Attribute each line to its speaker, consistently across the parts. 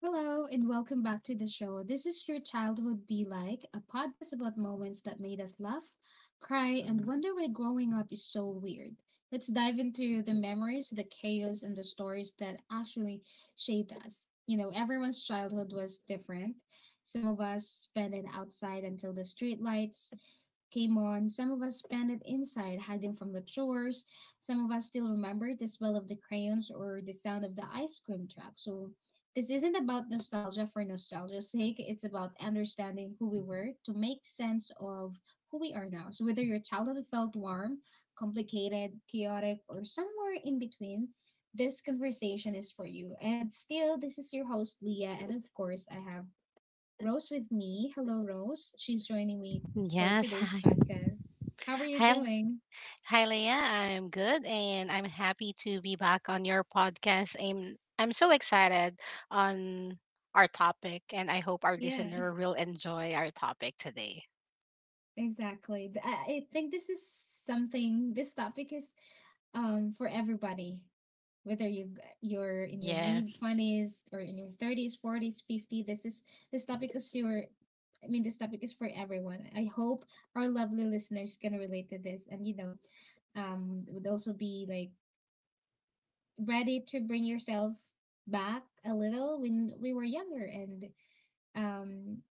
Speaker 1: Hello, and welcome back to the show. This is Your Childhood Be Like, a podcast about moments that made us laugh, cry, and wonder why growing up is so weird. Let's dive into the memories, the chaos, and the stories that actually shaped us. You know, everyone's childhood was different. Some of us spent it outside until the streetlights came on. Some of us spent it inside, hiding from the chores. Some of us still remember the smell of the crayons or the sound of the ice cream truck. So, this isn't about nostalgia for nostalgia's sake. It's about understanding who we were to make sense of who we are now. So, whether your childhood felt warm, complicated, chaotic, or somewhere in between, this conversation is for you. And still, this is your host, Leah. And of course, I have Rose with me. Hello, Rose. She's joining me for
Speaker 2: Yes,
Speaker 1: today's
Speaker 2: hi.
Speaker 1: podcast. How are you
Speaker 2: Hi, L-
Speaker 1: doing?
Speaker 2: hi, Leah. I'm good, and I'm happy to be back on your podcast. I'm so excited on our topic, and I hope our
Speaker 1: Yeah.
Speaker 2: listener will enjoy our topic today.
Speaker 1: Exactly. I think this topic is for everybody, whether you're in your mid
Speaker 2: Yes.
Speaker 1: 20s or in your 30s, 40s, 50. This is this topic is your I mean, this topic is for everyone. I hope our lovely listeners can relate to this, and would also be like ready to bring yourself back a little when we were younger, and um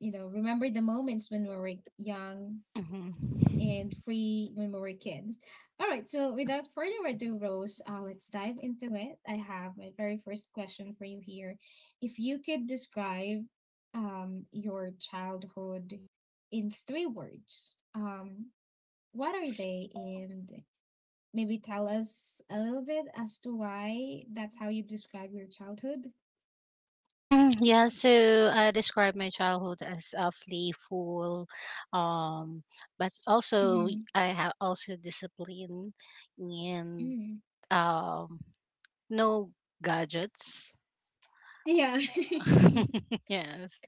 Speaker 1: remember the moments when we were young
Speaker 2: Hmm.
Speaker 1: and free when we were kids. All right, so without further ado, Rose, let's dive into it. I have my very first question for you here. If you could describe, your childhood in three words, what are they? And maybe tell us a little bit as to why that's how you describe your childhood.
Speaker 2: Mm, yeah, so I describe my childhood as playful, um, but also
Speaker 1: Hmm.
Speaker 2: I have also discipline, and
Speaker 1: Mm.
Speaker 2: um, no gadgets.
Speaker 1: Yeah.
Speaker 2: Yes.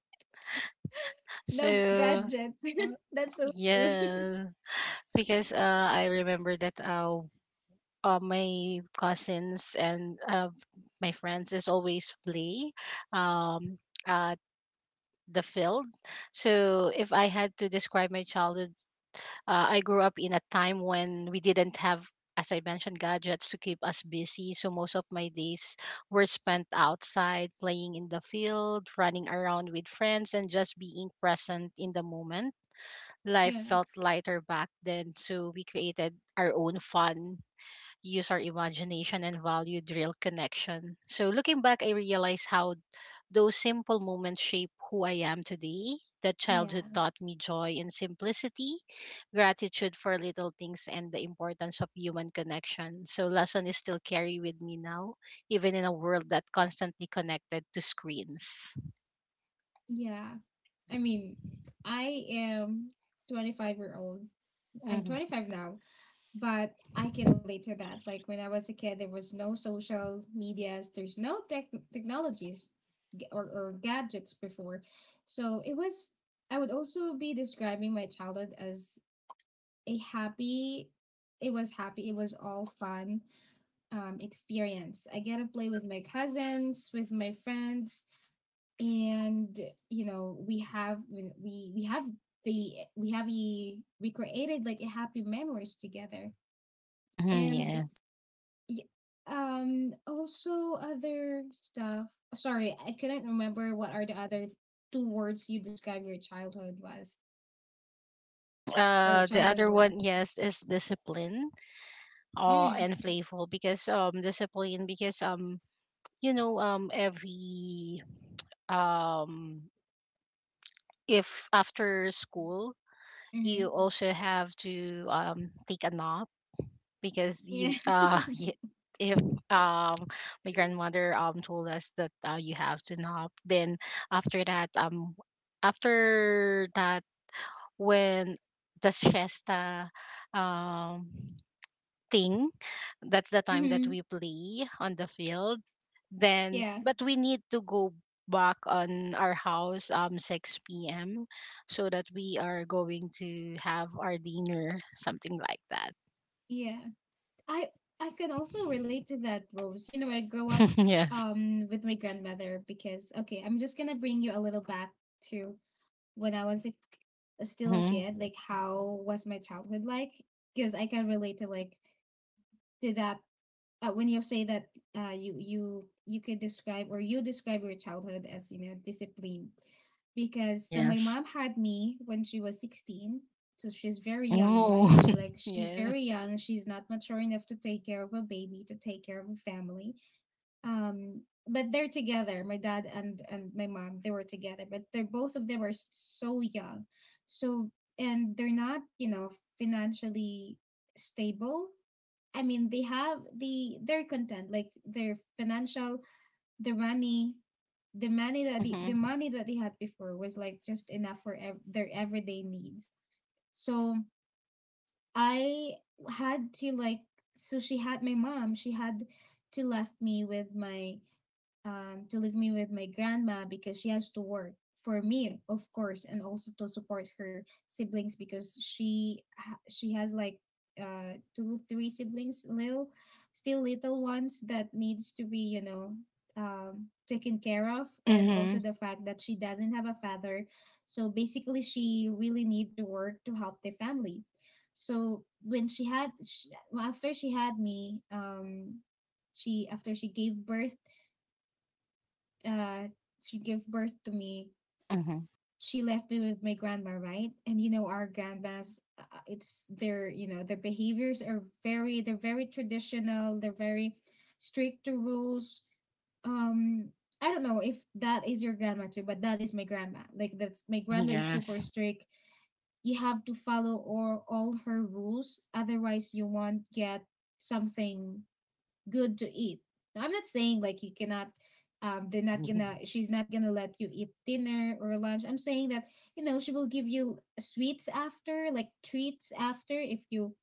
Speaker 1: No
Speaker 2: So
Speaker 1: gadgets. That's so true.
Speaker 2: yeah, because I remember that my cousins and my friends is always play um at the field. So if I had to describe my childhood, I grew up in a time when we didn't have, as I mentioned, gadgets to keep us busy. So most of my days were spent outside, playing in the field, running around with friends, and just being present in the moment. Life
Speaker 1: Yeah.
Speaker 2: felt lighter back then, so we created our own fun, use our imagination and valued real connection. So looking back, I realized how those simple moments shape who I am today. That childhood
Speaker 1: Yeah.
Speaker 2: taught me joy in simplicity, gratitude for little things, and the importance of human connection. So lesson is still carry with me now, even in a world that constantly connected to screens.
Speaker 1: Yeah. I mean, I am 25-year-old. I'm
Speaker 2: Mm-hmm.
Speaker 1: 25 now, but I can relate to that. Like when I was a kid, there was no social medias, there's no technologies or gadgets before. So it was, I would also be describing my childhood as a happy, it was happy, it was all fun, experience. I get to play with my cousins, with my friends, and you know we have we we have the we have a we created like a happy memories together.
Speaker 2: Mm-hmm,
Speaker 1: And
Speaker 2: yes.
Speaker 1: also other stuff. Sorry, I couldn't remember what are the other two words you describe your childhood was,
Speaker 2: Mm,
Speaker 1: or your
Speaker 2: The
Speaker 1: childhood
Speaker 2: other
Speaker 1: were.
Speaker 2: one, yes, is discipline. Oh,
Speaker 1: Mm.
Speaker 2: and playful because discipline, because every um if after school
Speaker 1: Mm-hmm.
Speaker 2: you also have to take a nap, because
Speaker 1: Yeah.
Speaker 2: you if um my grandmother told us that you have to nap, then after that um after that when the siesta um thing, that's the time that
Speaker 1: Mm-hmm.
Speaker 2: we play on the field, then,
Speaker 1: Yeah.
Speaker 2: but we need to go back on our house 6 p.m, so that we are going to have our dinner, something like that.
Speaker 1: Yeah. I I can also relate to that, Rose. You know, I grew up
Speaker 2: Yes.
Speaker 1: with my grandmother, because okay, I'm just gonna bring you a little back to when I was still a
Speaker 2: Mm-hmm.
Speaker 1: kid. Like how was my childhood like? Because I can relate to, like, to that, when you say that, you could describe, or you describe your childhood as, disciplined. Because so my
Speaker 2: Yes.
Speaker 1: mom had me when she was 16, so she's very young, right?
Speaker 2: Oh.
Speaker 1: She, like, she's very
Speaker 2: Yes.
Speaker 1: young, she's not mature enough to take care of a baby, to take care of a family. um but they're together, my dad and my mom. They were together, but they're both of them are so young. So and they're not, financially stable. I mean, they have they're content, like their financial, their money, the money that the
Speaker 2: Mm-hmm.
Speaker 1: money that they had before was like just enough for their everyday needs. So I had to, like, so she had my mom. She had to left me with my to leave me with my grandma because she has to work for me, of course, and also to support her siblings because she has like, two, three siblings, little still little ones that needs to be, taken care of, and
Speaker 2: Mm-hmm.
Speaker 1: also the fact that she doesn't have a father. So basically she really need to work to help the family. So when she had sh after she had me, she after she gave birth, uh she gave birth to me.
Speaker 2: Mm-hmm.
Speaker 1: She left me with my grandma, right? And, you know, our grandmas, it's their their behaviors are very, they're very traditional, they're very strict to rules. um I don't know if that is your grandma too, but that is my grandma like that's my
Speaker 2: Mm-hmm.
Speaker 1: grandma is super
Speaker 2: Yes.
Speaker 1: strict. You have to follow or all her rules, otherwise you won't get something good to eat. Now, I'm not saying like you cannot, they're not gonna she's not gonna let you eat dinner or lunch. I'm saying that, she will give you sweets after, like treats after if you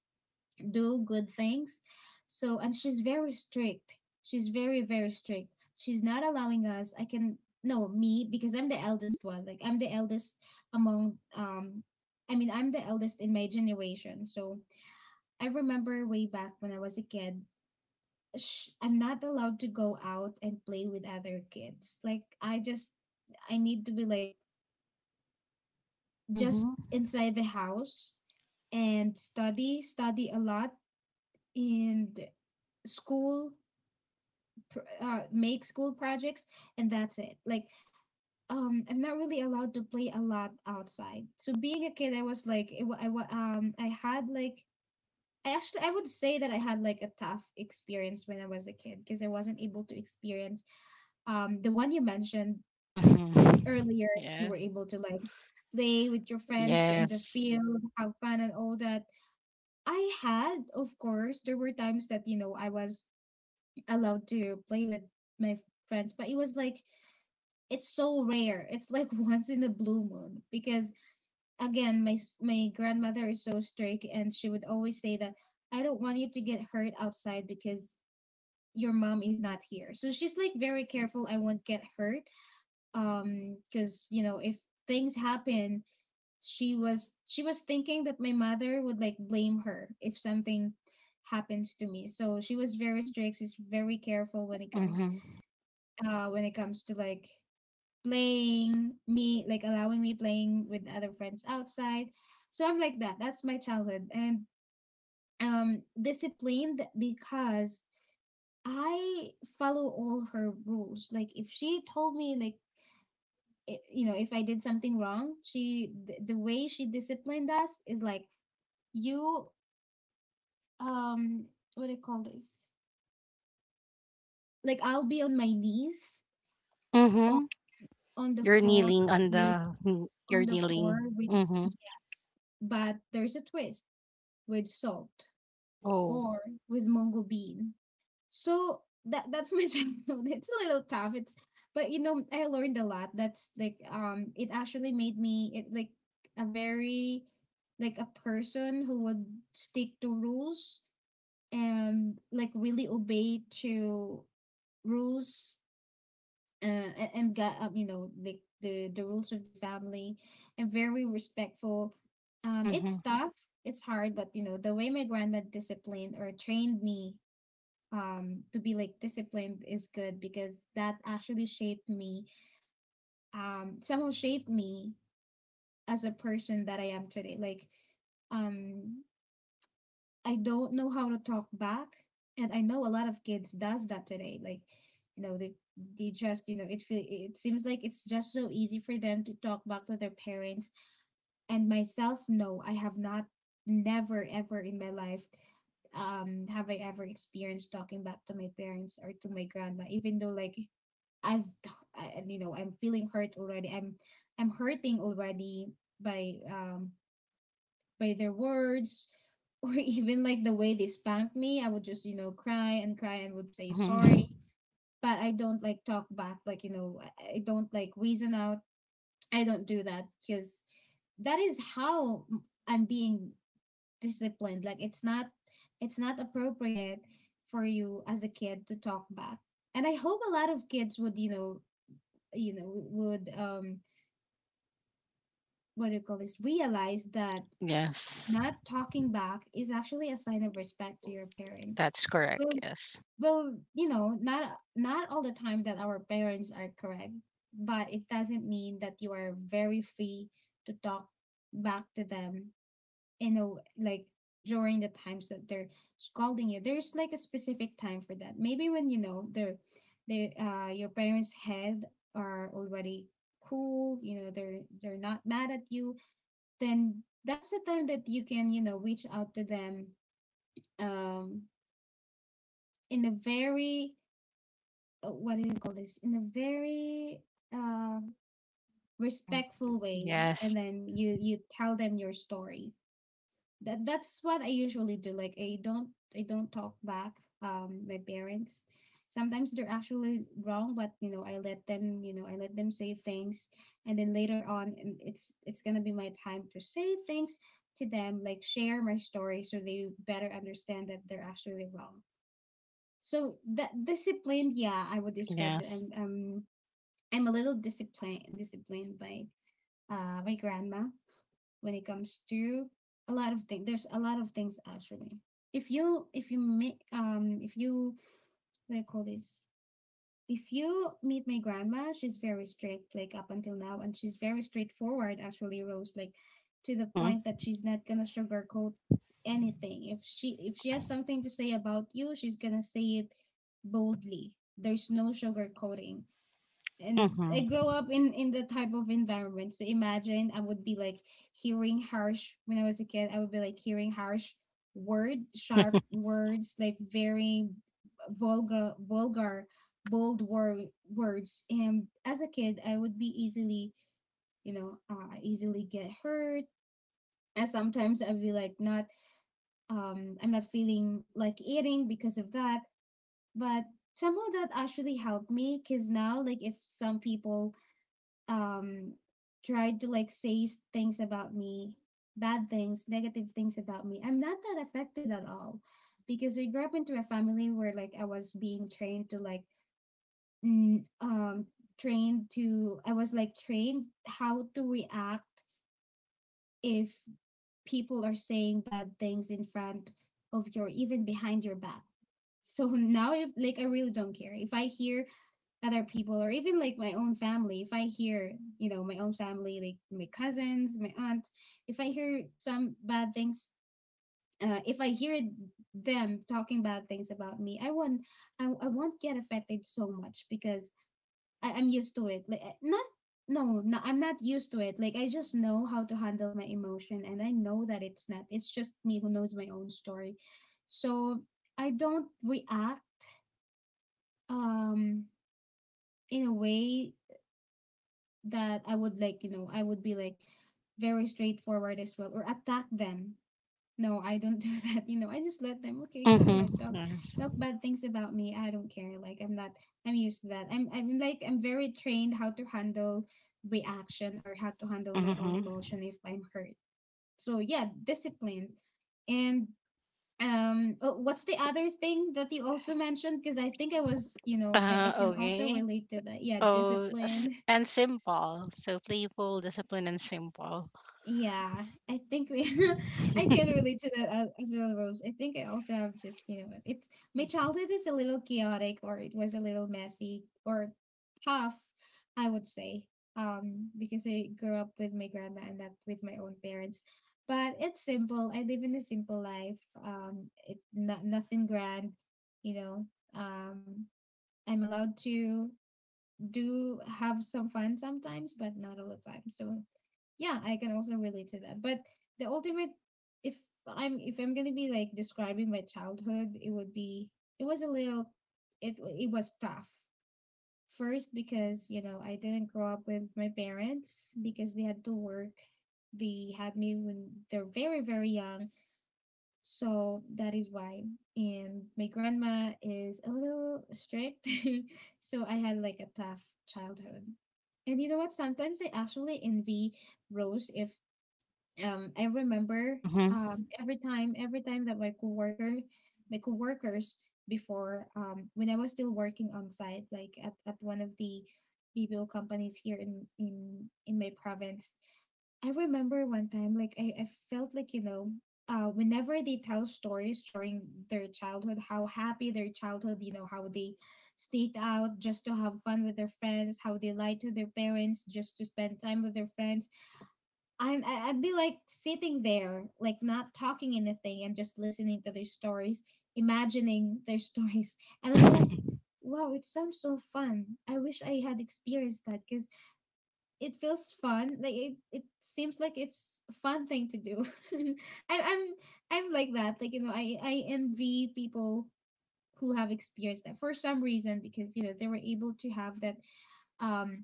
Speaker 1: do good things. So and she's very strict. She's very, very strict. She's not allowing us, I can no, me, because I'm the eldest one. Like I'm the eldest among, I mean, I'm the eldest in my generation. So I remember way back when I was a kid, I'm not allowed to go out and play with other kids. Like I need to be like just
Speaker 2: Mm-hmm.
Speaker 1: inside the house, and study, a lot, and school, make school projects, and that's it. Like, I'm not really allowed to play a lot outside. So being a kid, I was like, it, wa- I had like I would say that I had like a tough experience when I was a kid because I wasn't able to experience, the one you mentioned
Speaker 2: Mm-hmm.
Speaker 1: earlier. You were
Speaker 2: Yes.
Speaker 1: able to like play with your friends in the
Speaker 2: Yes.
Speaker 1: field, have fun and all that. I had, of course, there were times that, I was allowed to play with my f- friends, but it was like it's so rare. It's like, once in a blue moon, because again, my grandmother is so strict, and she would always say that I don't want you to get hurt outside because your mom is not here. So she's like very careful I won't get hurt, because, if things happen, she was thinking that my mother would like blame her if something happens to me. So she was very strict, she's very careful
Speaker 2: Mm-hmm.
Speaker 1: when it comes to, like, playing me, like allowing me playing with other friends outside. So I'm like that, that's my childhood. And, disciplined because I follow all her rules, like if she told me like, if I did something wrong, the way she disciplined us is like, you um what do you call this? Like I'll be on my knees on,
Speaker 2: Mm-hmm.
Speaker 1: on the
Speaker 2: You're
Speaker 1: floor
Speaker 2: kneeling on
Speaker 1: with,
Speaker 2: the
Speaker 1: on
Speaker 2: you're
Speaker 1: the floor
Speaker 2: kneeling.
Speaker 1: with,
Speaker 2: Mm-hmm.
Speaker 1: yes, but there's a twist — with salt,
Speaker 2: Oh.
Speaker 1: or with mongo bean. So that's my childhood. It's a little tough. It's but you know I learned a lot. That's like, it actually made me, it like a very like a person who would stick to rules and, like, really obey to rules, and got, like the rules of the family, and very respectful.
Speaker 2: Mm-hmm.
Speaker 1: It's tough, it's hard, but the way my grandma disciplined or trained me, to be like disciplined, is good because that actually shaped me somehow shaped me as a person that I am today. Like, um I don't know how to talk back, and I know a lot of kids does that today, like you know they they just, it seems like it's just so easy for them to talk back to their parents. And myself, no, I have not, never ever in my life, have I ever experienced talking back to my parents or to my grandma, even though like i've I, I'm feeling hurt already, I'm hurting already, by um by their words. Or even like the way they spanked me, I would just, cry and cry, and would say
Speaker 2: Mm-hmm.
Speaker 1: sorry. But I don't like talk back, like I don't like reason out. I don't do that, because that is how I'm being disciplined. Like it's not appropriate for you as a kid to talk back. And I hope a lot of kids would, you know, would what do you call this, realize that
Speaker 2: Yes.
Speaker 1: not talking back is actually a sign of respect to your parents.
Speaker 2: That's correct.
Speaker 1: Well,
Speaker 2: Yes.
Speaker 1: well, not all the time that our parents are correct, but it doesn't mean that you are very free to talk back to them in a like during the times that they're scolding you, there's like a specific time for that. Maybe when you know they're they your parents' head are already cool, you know, they're not mad at you, then that's the time that you can, you know, reach out to them um in a very what do you call this in a very um
Speaker 2: Mm-hmm.
Speaker 1: respectful way. And
Speaker 2: Yes.
Speaker 1: then you tell them your story. That's what I usually do. Like I don't, I don't talk back my parents. Sometimes they're actually wrong, but you know, I let them, you know, I let them say things, and then later on, and it's gonna be my time to say things to them, like share my story, so they better understand that they're actually wrong. So that disciplined, yeah, I would describe that
Speaker 2: Yes.
Speaker 1: I'm a little disciplined, disciplined by my grandma when it comes to a lot of things. There's a lot of things actually. If you meet if you what do you call this? If you meet my grandma, she's very strict like up until now, and she's very straightforward actually, Rose. Like to the
Speaker 2: Mm-hmm.
Speaker 1: point that she's not gonna sugarcoat anything. If she has something to say about you, she's gonna say it boldly. There's no sugarcoating, and
Speaker 2: Mm-hmm.
Speaker 1: I grow up in the type of environment. So imagine I would be like hearing harsh when I was a kid. I would be like hearing harsh word, sharp words, like very vulgar, vulgar, bold words. And as a kid, I would be easily, you know, easily get hurt. And sometimes I'd be like not, I'm not feeling like eating because of that. But somehow that actually helped me because now, like if some people um tried to like say things about me, bad things, negative things about me, I'm not that affected at all because I grew up into a family where like I was being trained to like mm, um trained to, I was like trained how to react if people are saying bad things in front of your, even behind your back. So now if like, I really don't care. If I hear other people or even like my own family, if I hear, you know, my own family, like my cousins, my aunt, if I hear some bad things, if I hear them talking bad things about me, I won't I won't get affected so much because I'm used to it. Like not no, no, I'm not used to it, like I just know how to handle my emotion, and I know that it's not, it's just me who knows my own story. So I don't react um in a way that I would, like, you know, I would be like very straightforward as well or attack them. No, I don't do that. You know, I just let them, okay, go
Speaker 2: Mm-hmm.
Speaker 1: ahead, talk,
Speaker 2: Yes.
Speaker 1: talk bad things about me. I don't care. Like I'm not, I'm used to that. I'm very trained how to handle reaction or how to handle my own
Speaker 2: Mm-hmm.
Speaker 1: emotion if I'm hurt. So yeah, discipline. And oh, what's the other thing that you also mentioned, because I think I was you know I can also
Speaker 2: Okay.
Speaker 1: relate to that, yeah,
Speaker 2: Oh,
Speaker 1: discipline.
Speaker 2: and simple. So playful, disciplined, and simple.
Speaker 1: Yeah, I think we I can relate to that as well, Rose. I think I also have just, you know, it's my childhood is a little chaotic, or it was a little messy or tough, I would say. Because I grew up with my grandma and that with my own parents. But it's simple. I live in a simple life. It not nothing grand, you know. Um, I'm allowed to do have some fun sometimes, but not all the time. So yeah, I can also relate to that. But the ultimate, if if I'm going to be like describing my childhood, it would be, it was a little, it was tough first because, you know, I didn't grow up with my parents because they had to work. They had me when they're very, very young, so that is why. And my grandma is a little strict, so I had like a tough childhood. And you know what, sometimes I actually envy Rose, if I remember
Speaker 2: Mm-hmm.
Speaker 1: every time that my coworker, my coworkers before, when I was still working on site, like at one of the BPO companies here in my province, I remember one time like I felt like, you know, whenever they tell stories during their childhood, how happy their childhood, you know, how they sneaked out just to have fun with their friends, how they lied to their parents just to spend time with their friends, I'd be like sitting there, like not talking anything and just listening to their stories, imagining their stories, and I'd be like, "Wow, it sounds so fun! I wish I had experienced that because it feels fun. Like it seems like it's a fun thing to do." I, I'm I'm like that. Like, you know, I envy people who have experienced that for some reason because, you know, they were able to have that um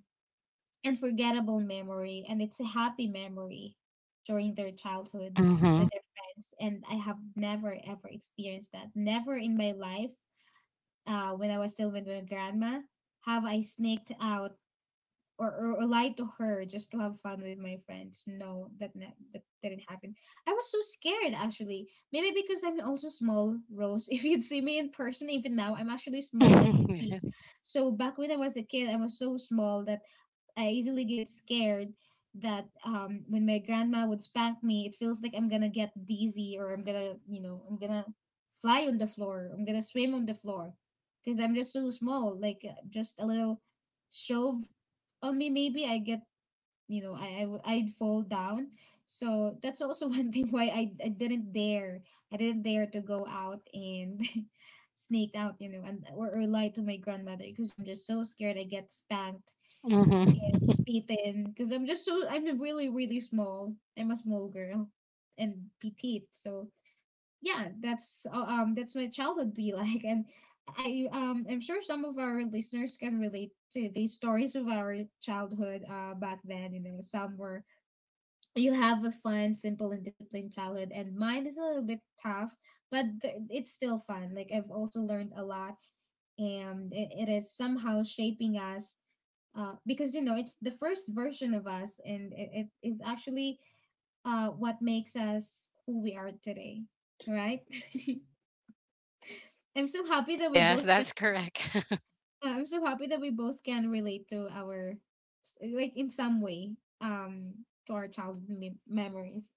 Speaker 1: unforgettable memory, and it's a happy memory during their childhoods with
Speaker 2: Mm-hmm.
Speaker 1: their friends. And I have never ever experienced that, never in my life. When I was still with my grandma, have I sneaked out or lie to her just to have fun with my friends. No, that that didn't happen. I was so scared, actually. Maybe because I'm also small, Rose. If you'd see me in person, even now, I'm actually small. I'm petite.
Speaker 2: Yes.
Speaker 1: So back when I was a kid, I was so small that I easily get scared. That when my grandma would spank me, it feels like I'm gonna get dizzy, or I'm gonna, you know, I'm gonna fly on the floor. I'm gonna swim on the floor because I'm just so small. Like just a little shove only, maybe I get, you know, I'd fall down. So that's also one thing why I didn't dare, I didn't dare to go out and sneak out, you know, and or lie to my grandmother because I'm just so scared I get spanked,
Speaker 2: Mm-hmm.
Speaker 1: beaten, because I'm just so, I'm really, really small, I'm a small girl and petite. So yeah, that's my childhood be like, and I'm sure some of our listeners can relate to these stories of our childhood back then. You know, some were, you have a fun, simple, and disciplined childhood, and mine is a little bit tough, but it's still fun. Like I've also learned a lot, and it is somehow shaping us. Because, you know, it's the first version of us, and it is actually what makes us who we are today, right? I'm so happy that we
Speaker 2: Yes,
Speaker 1: both can.
Speaker 2: that's correct.
Speaker 1: I'm so happy that we both can relate to our, like in some way, to our childhood memories.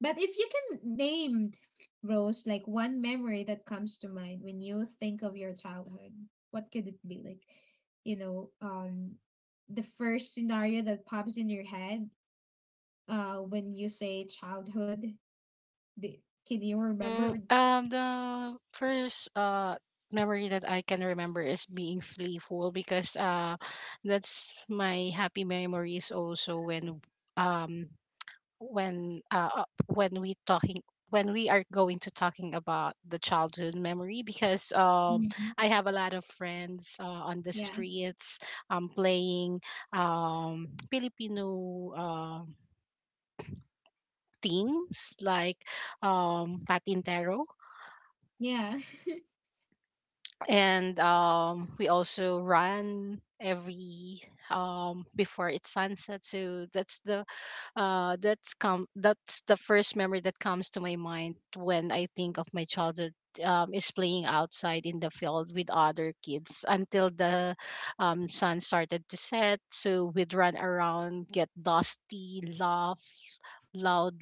Speaker 1: But if you can name, Rose, like one memory that comes to mind when you think of your childhood, what could it be? Like, you know, the first scenario that pops in your head, when you say childhood, the, can you remember?
Speaker 2: Mm,
Speaker 1: Or,
Speaker 2: the first memory that I can remember is being playful, because that's my happy memories also when um when we talking when we are going to talking about the childhood memory, because
Speaker 1: mhm.
Speaker 2: I have a lot of friends, on the
Speaker 1: Yeah,
Speaker 2: streets, playing Filipino things like patintero,
Speaker 1: yeah,
Speaker 2: and we also run every before it sunset, so that's the first memory that comes to my mind when I think of my childhood. Is playing outside in the field with other kids until the sun started to set, so we'd run around, get dusty, laugh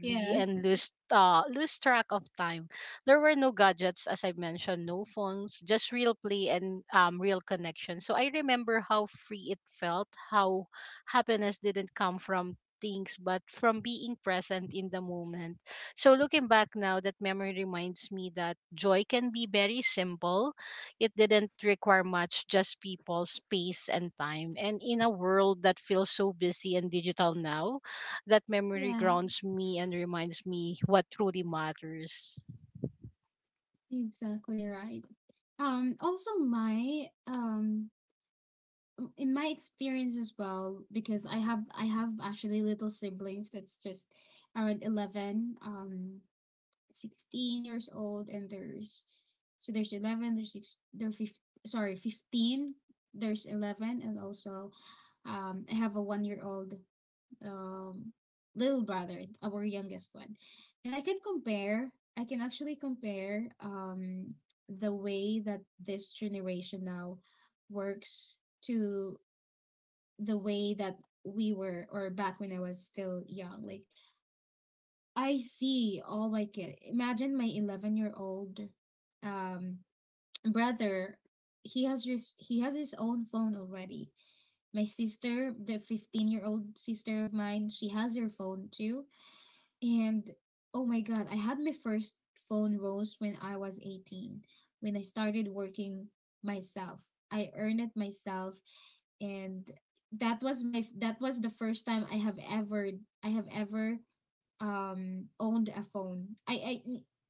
Speaker 1: yeah.
Speaker 2: and lose track of time. There were no gadgets, as I mentioned, no phones, just real play and real connection. So I remember how free it felt, how happiness didn't come from things but from being present in the moment. So looking back now, that memory reminds me that joy can be very simple. It didn't require much, just people, space, and time. And in a world that feels so busy and digital now, that memory
Speaker 1: Yeah.
Speaker 2: grounds me and reminds me what truly matters.
Speaker 1: Exactly right. Also my in my experience as well, because I have actually little siblings that's just around 11, 16 years old, and there's, so there's 11, there's six, 15, there's 11, and also I have a 1 year old um, little brother, our youngest one. And I can compare, I can actually compare the way that this generation now works to the way that we were, or back when I was still young. Like I see all my kid. Imagine my 11-year-old um, brother. He has just, he has his own phone already. My sister, the 15-year-old sister of mine, she has her phone too. And oh my God, I had my first phone, Rose, when I was 18, when I started working myself. I earned it myself. And that was my, that was the first time I have ever, I have ever owned a phone. I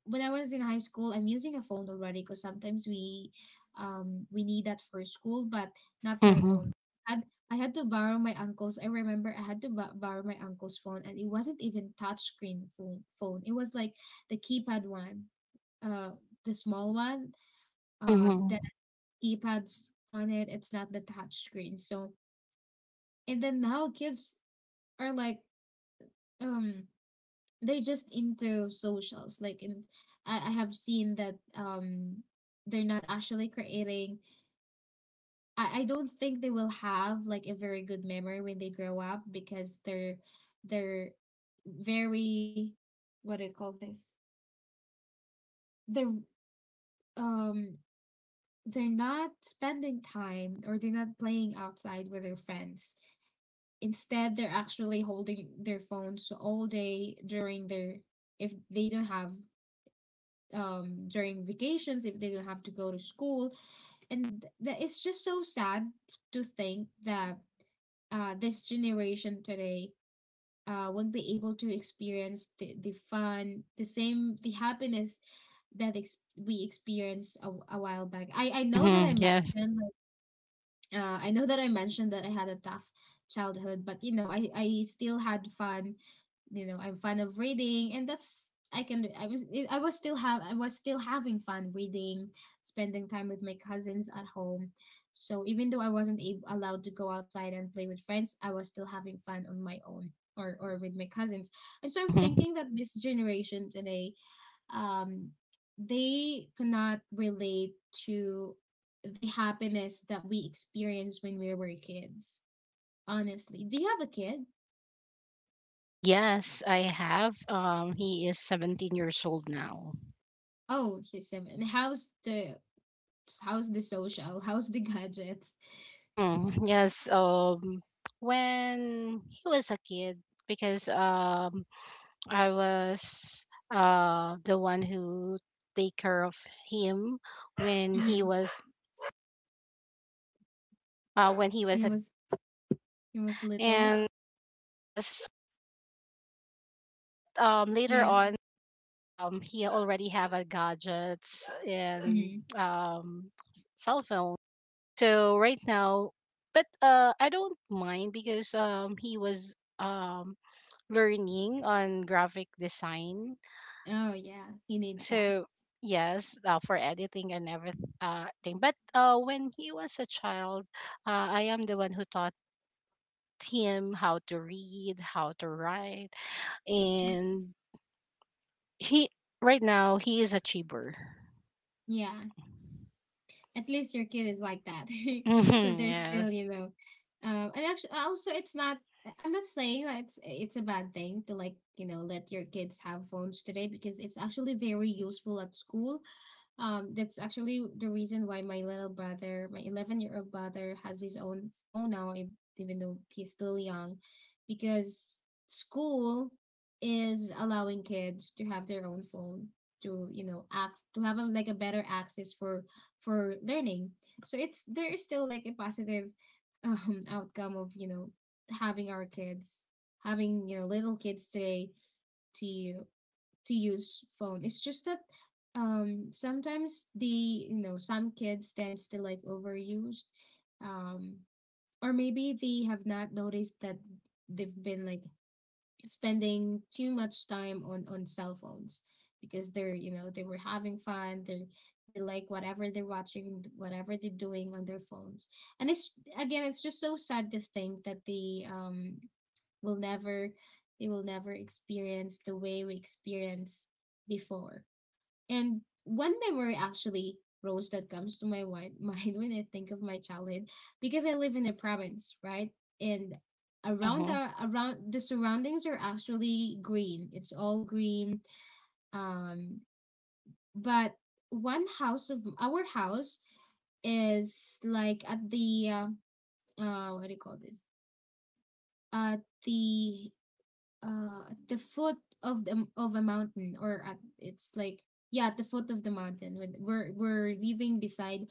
Speaker 1: when I was in high school, I'm using a phone already because sometimes we need that for school, but not my own.
Speaker 2: Mm-hmm.
Speaker 1: And I had to borrow my uncle's. I remember I had to borrow my uncle's phone, and it wasn't even touchscreen phone. Phone. It was like the keypad one, uh, the small one,
Speaker 2: Mm-hmm.
Speaker 1: that keypads on it. It's not the touchscreen. So and then now kids are like um they're just into socials, like, and I have seen that they're not actually creating. I don't think they will have like a very good memory when they grow up because they're very, what do you call this, they're um they're not spending time or they're not playing outside with their friends. Instead they're actually holding their phones all day during their, if they don't have, during vacations if they don't have to go to school. And that, it's just so sad to think that this generation today won't be able to experience the fun, the same, the happiness that we experienced a while back. I know that
Speaker 2: Mm-hmm.
Speaker 1: I
Speaker 2: Yes.
Speaker 1: mentioned, like, I know that I mentioned that I had a tough childhood, but you know, I still had fun. You know, I'm fond of reading, and that's, I can, I was, I was still have I was still having fun reading, spending time with my cousins at home. So even though I wasn't allowed to go outside and play with friends, I was still having fun on my own, or with my cousins. And so I'm
Speaker 2: Mm-hmm.
Speaker 1: thinking that this generation today, um, they cannot relate to the happiness that we experienced when we were kids. Honestly, do you have a kid?
Speaker 2: Yes, I have. He is 17 years old now.
Speaker 1: Oh, she's seven. How's the, how's the social? How's the gadgets?
Speaker 2: Mhm. Yes. When he was a kid, because I was the one who take care of him when he
Speaker 1: Mm-hmm.
Speaker 2: was
Speaker 1: He
Speaker 2: a,
Speaker 1: was, he was little.
Speaker 2: and yes, but later
Speaker 1: Yeah.
Speaker 2: on he already have a gadgets and
Speaker 1: Mm-hmm.
Speaker 2: cell phone, so right now, but I don't mind because he was um learning on graphic design.
Speaker 1: Oh yeah, he needs that.
Speaker 2: So yes, for editing and everything. Thing. But when he was a child, I am the one who taught him how to read, how to write,
Speaker 1: Mhm.
Speaker 2: and he right now he is a chiber.
Speaker 1: Yeah, at least your kid is like that. So
Speaker 2: Mm-hmm. Mm.
Speaker 1: they're still,
Speaker 2: Yes.
Speaker 1: you know, and actually, also, it's not. I'm not saying that it's a bad thing to, like, you know, let your kids have phones today, because it's actually very useful at school. That's actually the reason why my little brother, my 11-year-old brother, has his own phone now, even though he's still young, because school is allowing kids to have their own phone to, you know, act to have a, like, a better access for learning. So it's, there is still like a positive outcome of, you know, having our kids, having, you know, little kids today to to use phone. It's just that sometimes the, you know, some kids tends to like overused, um or maybe they have not noticed that they've been like spending too much time on cell phones, because they're, you know, they were having fun, they like whatever they're watching, whatever they're doing on their phones. And it's, again, it's just so sad to think that the, will never, they will never experience the way we experienced before. And one memory actually, Rose, that comes to my mind when I think of my childhood, because I live in a province, right? And around
Speaker 2: Mm-hmm.
Speaker 1: our, around the surroundings are actually green. It's all green. Um, but one house of our house is like at the uh, what do you call this? At the at the foot of the, of a mountain, or at, it's like, yeah, at the foot of the mountain. We're living beside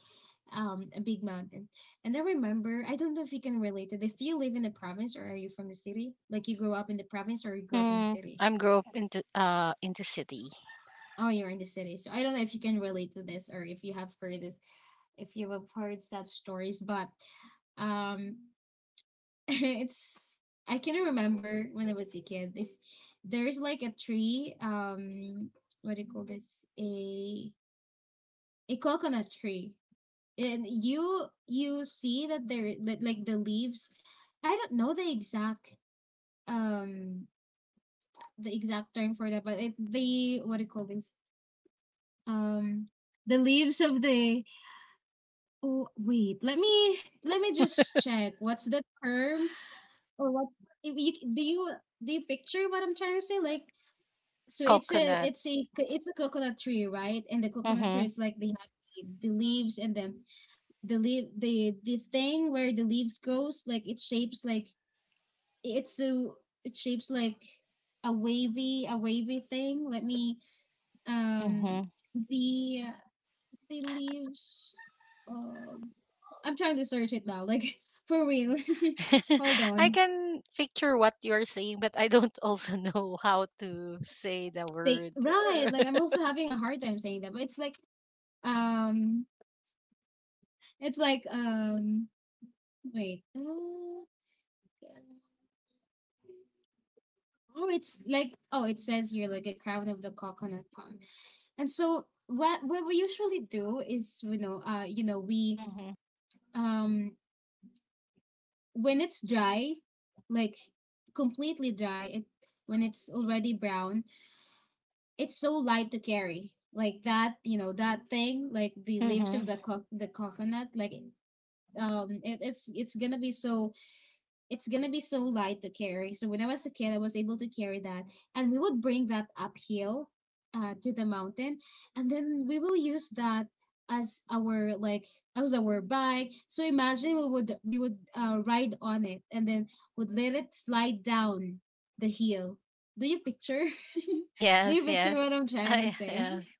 Speaker 1: a big mountain. And I remember, I don't know if you can relate to this. Do you live in the province or are you from the city? Like, you grew up in the province or you grew up in the
Speaker 2: Mm,
Speaker 1: city?
Speaker 2: I'm grow up into city.
Speaker 1: Oh, you're in the city, so I don't know if you can relate to this, or if you have heard this, if you have heard such stories. But um it's, I can remember when I was a kid. If there's like a tree, what do you call this? A, a coconut tree, and you see that there, that like the leaves. I don't know um the exact term for that, but it, the, what do you call this? Um, the leaves of the, oh wait, let me, let me just check what's the term, or what's, if you, do you, do you picture what I'm trying to say, like. So it's a,
Speaker 2: Coconut.
Speaker 1: it's a, it's a coconut tree, right? And the
Speaker 2: Mm-hmm.
Speaker 1: coconut tree
Speaker 2: Mm.
Speaker 1: is like, they have the leaves, and then the leaf, the thing where the leaves goes, like it shapes like, it's a, it shapes like a wavy thing. Let me, um
Speaker 2: Mm-hmm.
Speaker 1: the uh, the leaves. Um, I'm trying to search it now, like, for real. Hold
Speaker 2: I
Speaker 1: on.
Speaker 2: can picture what you're saying, but I don't also know how to say the
Speaker 1: They,
Speaker 2: word.
Speaker 1: right. Like I'm also having a hard time saying that, but um it's like wait. Oh, oh, it's like, oh, it says here, like, a crown of the coconut palm. And so what we usually do is, you know, you know, we
Speaker 2: Mm-hmm.
Speaker 1: um when it's dry, like completely dry, it, when it's already brown, it's so light to carry. Like that, you know, that thing, like the leaves of
Speaker 2: Mm-hmm.
Speaker 1: the the coconut, like, it, it's gonna be so, it's gonna be so light to carry. So when I was a kid, I was able to carry that, and we would bring that uphill, to the mountain, and then we will use that as our like, as our bike. So imagine we would, we would ride on it, and then would let it slide down the hill. Do you picture? Do you
Speaker 2: Yes,
Speaker 1: picture
Speaker 2: yes.
Speaker 1: what I'm trying to
Speaker 2: I
Speaker 1: say?
Speaker 2: yes.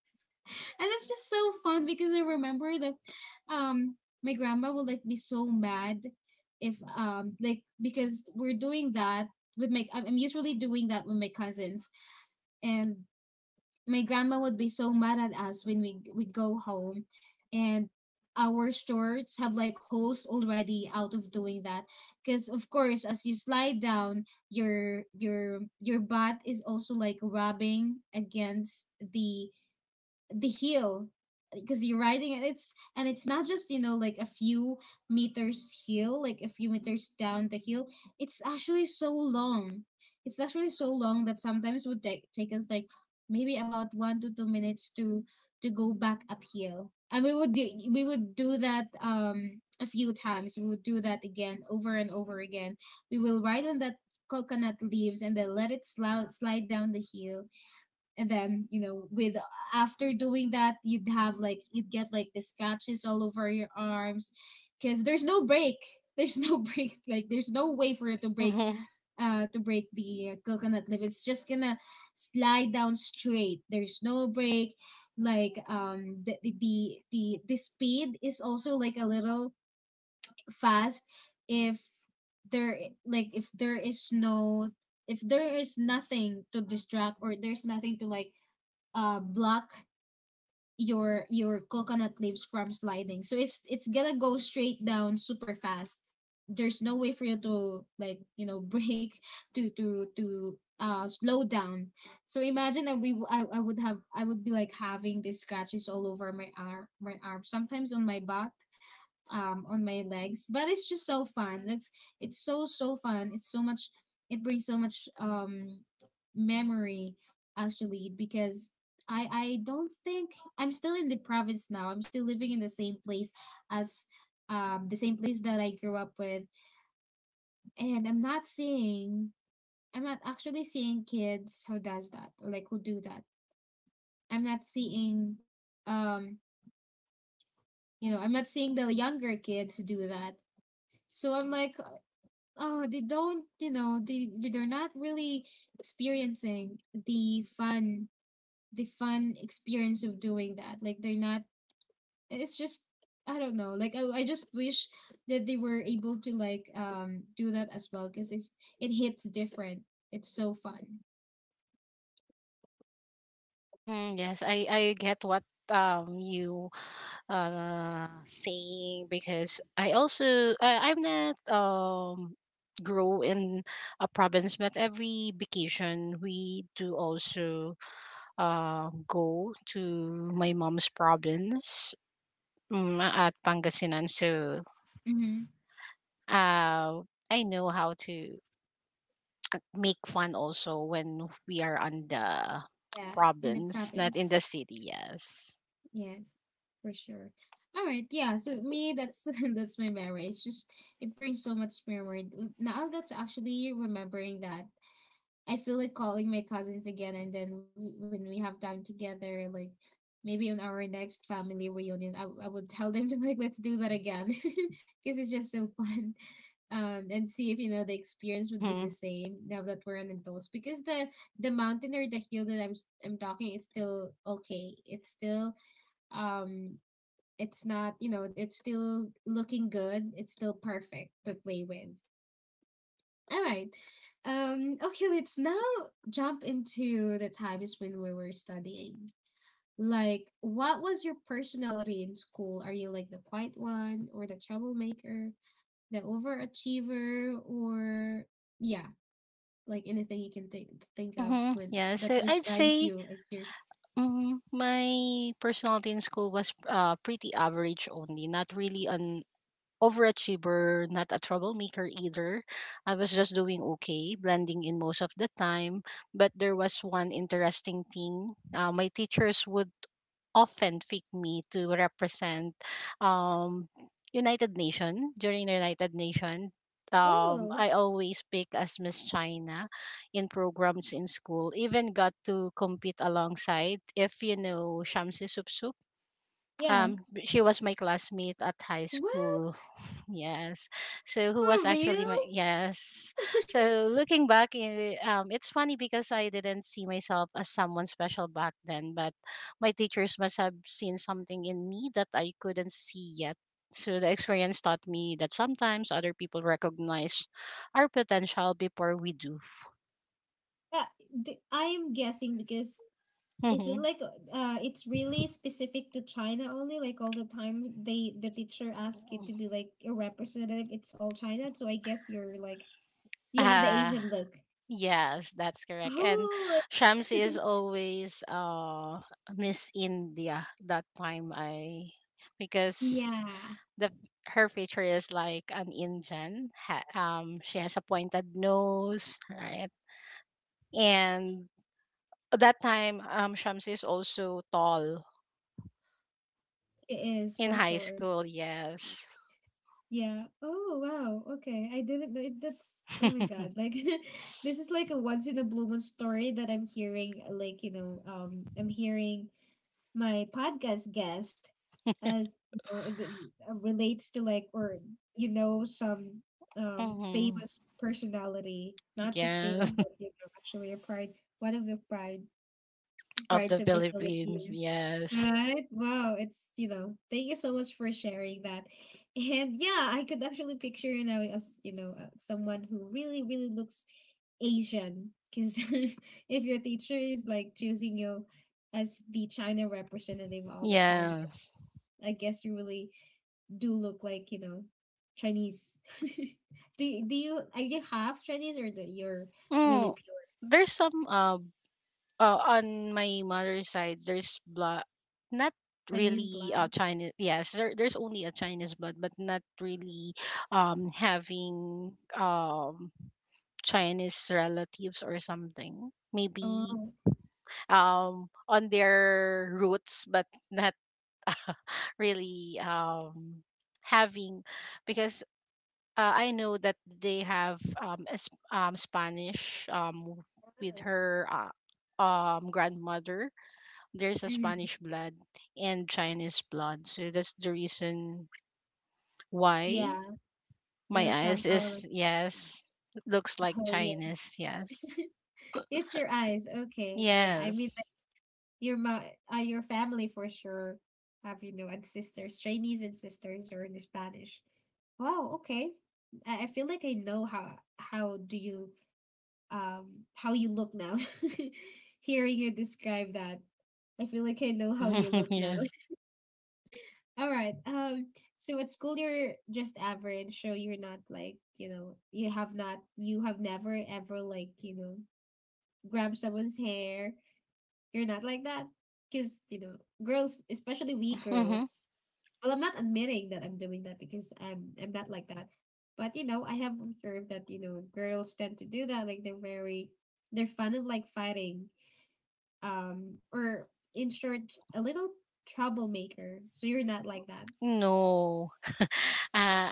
Speaker 1: And it's just so fun, because I remember that um my grandma would like be so mad if, like, because we're doing that with my, I'm usually doing that with my cousins. And my grandma would be so mad at us when we go home, and our shorts have like holes already out of doing that, because of course, as you slide down, your butt is also like rubbing against the the heel, because you're riding it. It's, and it's not just, you know, like a few meters heel, like a few meters down the hill. It's actually so long. It's actually so long, that sometimes would take, take us like maybe about 1 to 2 minutes to go back uphill. And we would do, we would do that a few times, we would do that again over and over again. We will ride on that coconut leaves and then let it slide, slide down the hill. And then, you know, with, after doing that, you'd have like, you'd get like the scratches all over your arms, because there's no break, there's no break, like there's no way for it to break,
Speaker 2: Mm-hmm.
Speaker 1: to break the coconut leaf. It's just gonna slide down straight, there's no break. Like, the, the, the speed is also like a little fast if there, like if there is no, if there is nothing to distract, or there's nothing to like block your coconut leaves from sliding. So it's gonna go straight down super fast. There's no way for you to like, you know, break, to slow down. So imagine that I would have, I would be like having these scratches all over my arm, my arm, sometimes on my back, on my legs. But it's just so fun, it's so so fun, it's so much, it brings so much memory actually, because I don't think, I'm still in the province now, I'm still living in the same place as, the same place that I grew up with. And I'm not seeing, I'm not actually seeing kids who does that, or like who do that. I'm not seeing, um you know, I'm not seeing the younger kids do that. So I'm like, oh, they don't, you know, they, they're not really experiencing the fun, the fun experience of doing that, like they're not. It's just, I don't know, like, I just wish that they were able to like do that as well, because it's, it hits different, it's so fun.
Speaker 2: Mm-hmm. Yes, I get what you saying, because I also I'm not grow in a province, but every vacation we do also go to my mom's province, at Pangasinan. So
Speaker 1: Hmm.
Speaker 2: uh I know how to make fun also when we are on the
Speaker 1: Yeah, in the
Speaker 2: province, not in
Speaker 1: province.
Speaker 2: the city. Yes.
Speaker 1: Yes, for sure. All right, yeah. So me, that's that's my memory. It's just, it brings so much memory. Now that actually remembering that, I feel like calling my cousins again, and then we, when we have time together, like, maybe on our next family reunion, I would tell them to like, let's do that again, because it's just so fun. And see if, you know, the experience would be the
Speaker 2: Mm-hmm.
Speaker 1: same now that we're an adults, because the mountain or the hill that I'm talking is still okay. It's still um it's not, it's still looking good, it's still perfect to play with. All right. Okay, let's now jump into the times when we were studying. Like, what was your personality in school? Are you like the quiet one or the troublemaker, the overachiever, or... yeah, like anything you can think of
Speaker 2: Mm-hmm.
Speaker 1: when
Speaker 2: Yeah.
Speaker 1: that
Speaker 2: So I'd
Speaker 1: describes
Speaker 2: say,
Speaker 1: you as your...
Speaker 2: my personality in school was pretty average only, not really on overachiever, not a troublemaker either. I was just doing okay, blending in most of the time. But there was one interesting thing. My teachers would often pick me to represent um, United Nation during the United Nation.
Speaker 1: Oh,
Speaker 2: I always pick as Miss China in programs in school. Even got to compete alongside, if you know Shamsi Supsup.
Speaker 1: yeah.
Speaker 2: Um, she was my classmate at high
Speaker 1: What?
Speaker 2: school. Yes. So who was
Speaker 1: For
Speaker 2: actually
Speaker 1: real?
Speaker 2: my, yes. So looking back, it's funny because I didn't see myself as someone special back then, but my teachers must have seen something in me that I couldn't see yet. So the experience taught me that sometimes other people recognize our potential before we do.
Speaker 1: Uh, I am guessing because... is it like uh it's really specific to China only? Like, all the time the teacher asks you to be like a representative, it's all China, so I guess you're like, you have the
Speaker 2: Mm.
Speaker 1: Asian look.
Speaker 2: Yes, that's correct. And
Speaker 1: Oh,
Speaker 2: Shams is always Miss India that time. I, because
Speaker 1: yeah,
Speaker 2: the her feature is like an Indian. Ha, she has a pointed nose, right? And that time, Shams is also tall
Speaker 1: it is
Speaker 2: in
Speaker 1: for
Speaker 2: high
Speaker 1: sure.
Speaker 2: school, yes.
Speaker 1: Yeah. Oh, wow. Okay. I didn't know it. That's... oh my God. Like, this is like a once in a blue moon story that I'm hearing. Like, I'm hearing my podcast guest, as you know, relates to, like, or, some
Speaker 2: Hmm.
Speaker 1: famous personality, not just famous
Speaker 2: Yes,
Speaker 1: but, actually a pride, one of the pride
Speaker 2: of
Speaker 1: prides
Speaker 2: the
Speaker 1: of the
Speaker 2: Philippines,
Speaker 1: Philippines,
Speaker 2: yes.
Speaker 1: right? Wow, it's, thank you so much for sharing that. And yeah, I could actually picture, as you know, someone who really really looks Asian, because if your teacher is like choosing you as the China representative all the time,
Speaker 2: Yes.
Speaker 1: I guess you really do look like, Chinese. do do you Are you half Chinese, or that you're
Speaker 2: Mm.
Speaker 1: really pure
Speaker 2: There's some on my mother's side, there's blood, not
Speaker 1: Chinese
Speaker 2: really
Speaker 1: blood?
Speaker 2: Chinese. Yes, there's only a Chinese blood, but not really having Chinese relatives or something. Maybe
Speaker 1: Oh,
Speaker 2: on their roots, but not really having, because. I know that they have a, Spanish with her grandmother, there's a
Speaker 1: mm,
Speaker 2: Spanish blood and Chinese blood. So that's the reason why
Speaker 1: yeah,
Speaker 2: my
Speaker 1: you're
Speaker 2: eyes
Speaker 1: somehow.
Speaker 2: is, yes, looks like
Speaker 1: Oh, yeah,
Speaker 2: Chinese. Yes.
Speaker 1: it's your eyes. Okay, yeah. I mean, like,
Speaker 2: Yes.
Speaker 1: your ma, your family for sure have and sisters, Chinese and sisters, or in Spanish. Wow, okay. I feel like I know how do you how you look now. Hearing you describe that, I feel like I know how you look now.
Speaker 2: Yes.
Speaker 1: All right. So at school you're just average, so you're not like, you have never ever, like, grabbed someone's hair. You're not like that. Cause, girls, especially we
Speaker 2: Hmm.
Speaker 1: girls, well, I'm not admitting that I'm doing that, because I'm not like that. But I have observed that, girls tend to do that. Like, they're fond of like fighting, or in short, a little troublemaker. So you're not like that.
Speaker 2: No. uh,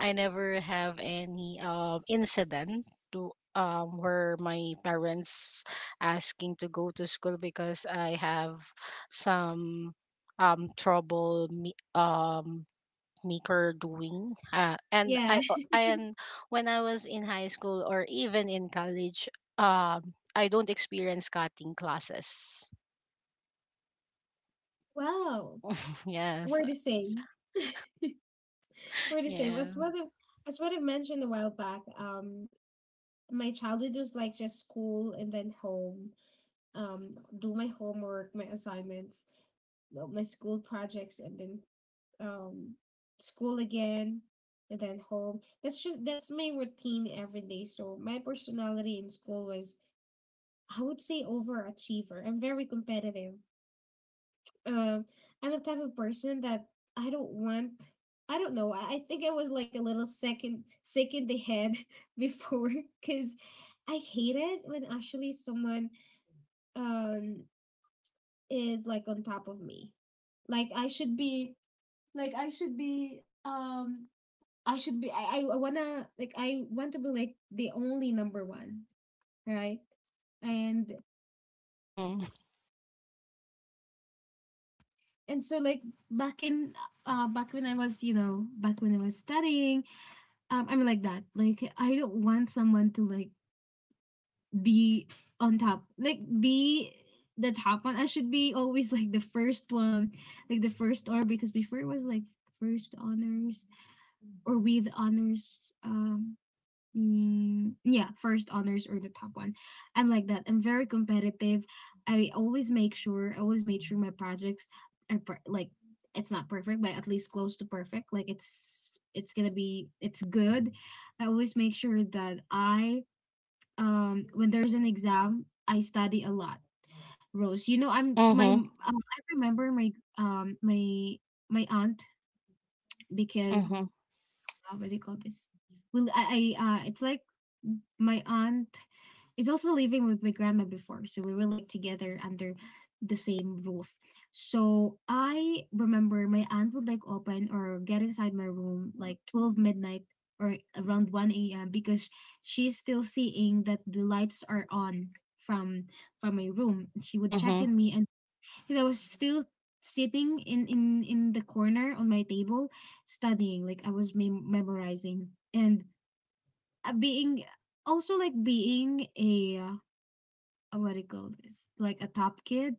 Speaker 2: I never have any incident to where my parents asking to go to school because I have some trouble me maker doing and
Speaker 1: Yeah.
Speaker 2: and when I was in high school or even in college, I don't experience cutting classes.
Speaker 1: Wow.
Speaker 2: Yes.
Speaker 1: We're the same. We're the same.
Speaker 2: Yeah.
Speaker 1: As what I mentioned a while back, my childhood was like just school and then home, do my homework, my assignments, well, my school projects, and then um school again and then home. That's my routine every day. So my personality in school was, I would say, overachiever. I'm very competitive. Um I'm the type of person that I don't want I don't know. I think I was like a little second sick in the head before, because I hate it when actually someone um is like on top of me. Like I should be like I should be I should be, I want to be like the only number one, right? And
Speaker 2: Mm-hmm.
Speaker 1: and so like back in back when I was studying, I'm like that. Like, I don't want someone to like be on top. Like, be the top one. I should be always like the first one, like the first or because before it was like first honors or with honors. Mm, yeah, first honors or the top one. I'm like that. I'm very competitive. I always make sure, I always make sure my projects are like, it's not perfect, but at least close to perfect. Like, it's gonna be it's good. I always make sure that I when there's an exam, I study a lot. Rose,
Speaker 2: Mm-hmm.
Speaker 1: I remember my um my my aunt, because
Speaker 2: Mm-hmm.
Speaker 1: what do you call this? Well, I it's like my aunt is also living with my grandma before, so we were like together under the same roof. So I remember my aunt would like open or get inside my room like 12 midnight or around 1 a.m., because she's still seeing that the lights are on from from my room. And she would check
Speaker 2: Mm-hmm.
Speaker 1: in me, and I was still sitting in the corner on my table studying, like I was memorizing, and being also like being a what do you call this, like a top kid,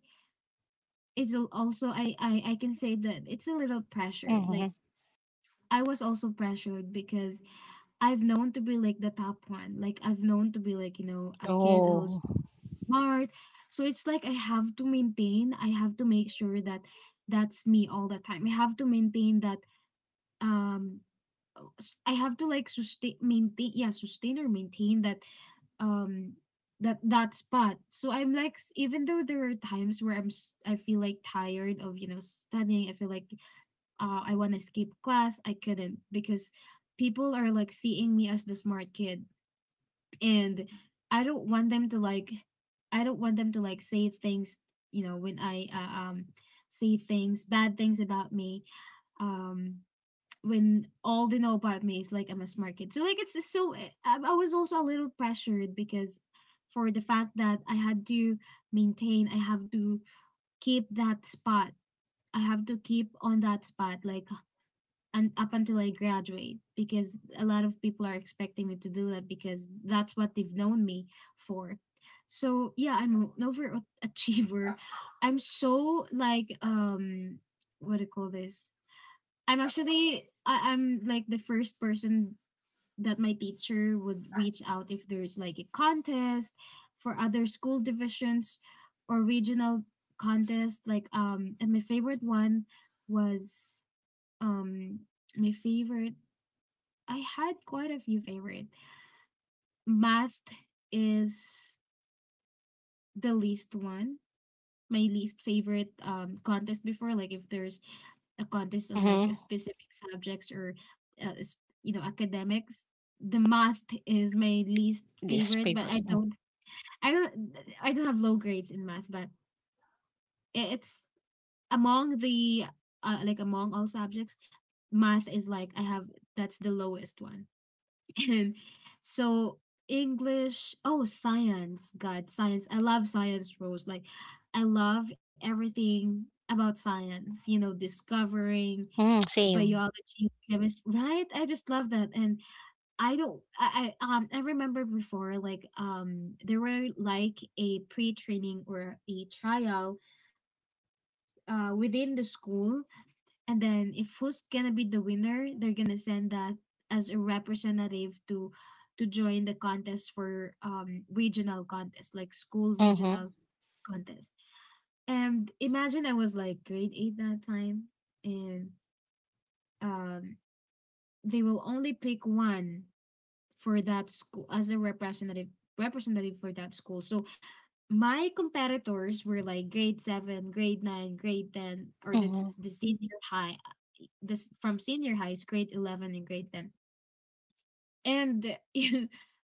Speaker 1: is also, I can say that it's a little pressured.
Speaker 2: Mm-hmm.
Speaker 1: Like, I was also pressured, because I've known to be like the top one. Like, I've known to be like, a kid
Speaker 2: Oh.
Speaker 1: who's smart. So it's like I have to make sure that that's me all the time. I have to maintain that. um I have to like sustain, maintain, yeah, sustain or maintain that um that spot. So I'm like, even though there are times where I feel like tired of, studying. I feel like I want to skip class. I couldn't, because people are like seeing me as the smart kid, and I don't want them to like, say things, when I say things bad things about me, um when all they know about me is like, I'm a smart kid. So like, it's just so, I was also a little pressured, because for the fact that I had to maintain, I have to keep that spot. I have to keep on that spot. Like, and up until I graduate, because a lot of people are expecting me to do that, because that's what they've known me for. So yeah, I'm an overachiever. I'm so like, what do you call this? I'm like the first person that my teacher would reach out if there's like a contest for other school divisions or regional contest. Like, and my favorite one was, um my favorite, I had quite a few favorite. Math is the least one. My least favorite contest before. Like, if there's a contest on like a
Speaker 2: Mm-hmm.
Speaker 1: specific subjects or uh, s- academics, the math is my least
Speaker 2: This
Speaker 1: favorite. But
Speaker 2: paper.
Speaker 1: i don't I don't have low grades in math, but it's among the like, among all subjects, math is like, I have that's the lowest one. And so English, oh, science, God, science. I love science, Rose. Like, I love everything about science, discovering
Speaker 2: Mm, same.
Speaker 1: biology, chemistry, right? I just love that. And I don't, I remember before, like, there were like a pre training or a trial, within the school, and then, if who's gonna be the winner, they're gonna send that as a representative to join the contest for regional contest, like school
Speaker 2: Mm-hmm.
Speaker 1: regional contest. And imagine I was like grade 8 that time, and um they will only pick one for that school as a representative for that school. So my comparators were like grade 7, grade 9, grade 10, or the,
Speaker 2: Mm-hmm.
Speaker 1: s- the senior high. This from senior high is grade 11 and grade 10, and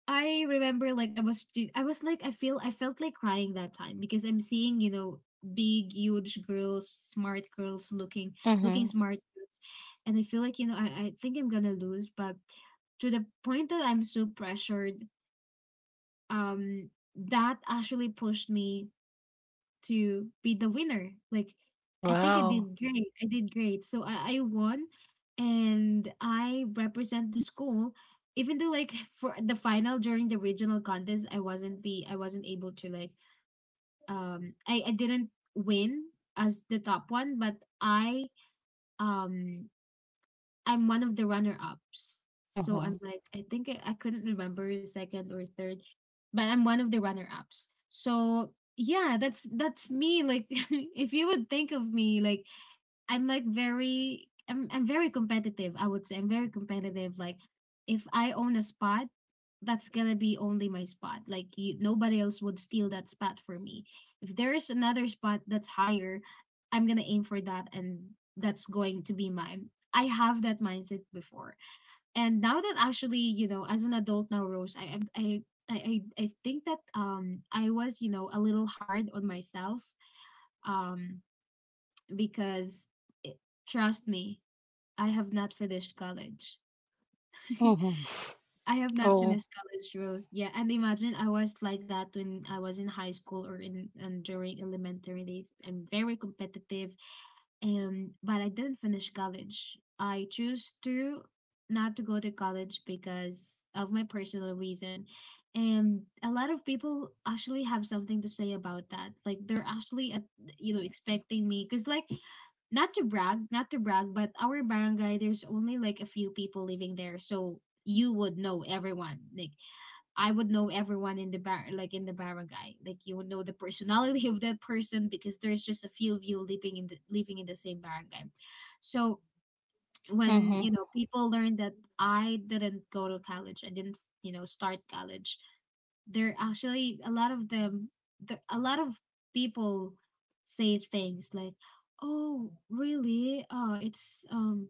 Speaker 1: I remember like, I was like, I felt like crying that time, because I'm seeing, big huge girls, smart girls, looking
Speaker 2: Mm-hmm.
Speaker 1: smart girls, and I feel like, I think I'm gonna lose. But to the point that I'm so pressured, um that actually pushed me to be the winner. Like, I think I
Speaker 2: Wow.
Speaker 1: did great. I did great. So I won, and I represent the school. Even though like, for the final during the regional contest, I wasn't able to like, I didn't win as the top one, but um I'm one of the runner ups. So I'm
Speaker 2: Mm-hmm.
Speaker 1: like, I think I couldn't remember second or third, but I'm one of the runner ups. So yeah, that's me. Like, if you would think of me like, I'm very competitive. I would say I'm very competitive. Like, if I own a spot, that's gonna be only my spot. Like, nobody else would steal that spot for me. If there is another spot that's higher, I'm gonna aim for that, and that's going to be mine. I have that mindset before, and now that actually, as an adult now, Rose, I, I think that I was, a little hard on myself, um because it, trust me, I have not finished college.
Speaker 2: Mm-hmm.
Speaker 1: I have not
Speaker 2: Oh.
Speaker 1: finished college, Roads. Yeah, and imagine I was like that when I was in high school or in and during elementary days. I'm very competitive, and but I didn't finish college. I chose to not to go to college because of my personal reason. And a lot of people actually have something to say about that. Like, they're actually expecting me, because, like, not to brag, not to brag, but our barangay, there's only like a few people living there. So you would know everyone. Like, I would know everyone in the barangay. Like, you would know the personality of that person because there's just a few of you living in the same barangay. So when
Speaker 2: Mm-hmm.
Speaker 1: people learn that I didn't go to college, I didn't start college, they're actually a lot of them, a lot of people say things like, oh, really, it's,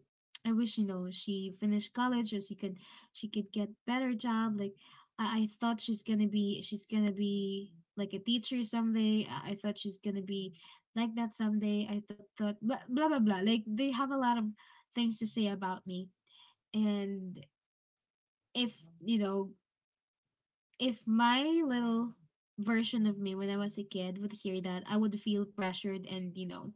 Speaker 1: I wish, she finished college, or she could, she could get better job, like, I thought she's gonna be, like a teacher someday. I thought she's gonna be like that someday. I thought, blah, blah blah blah. Like, they have a lot of things to say about me. And if you know if my little version of me when I was a kid would hear that, I would feel pressured, and, you know,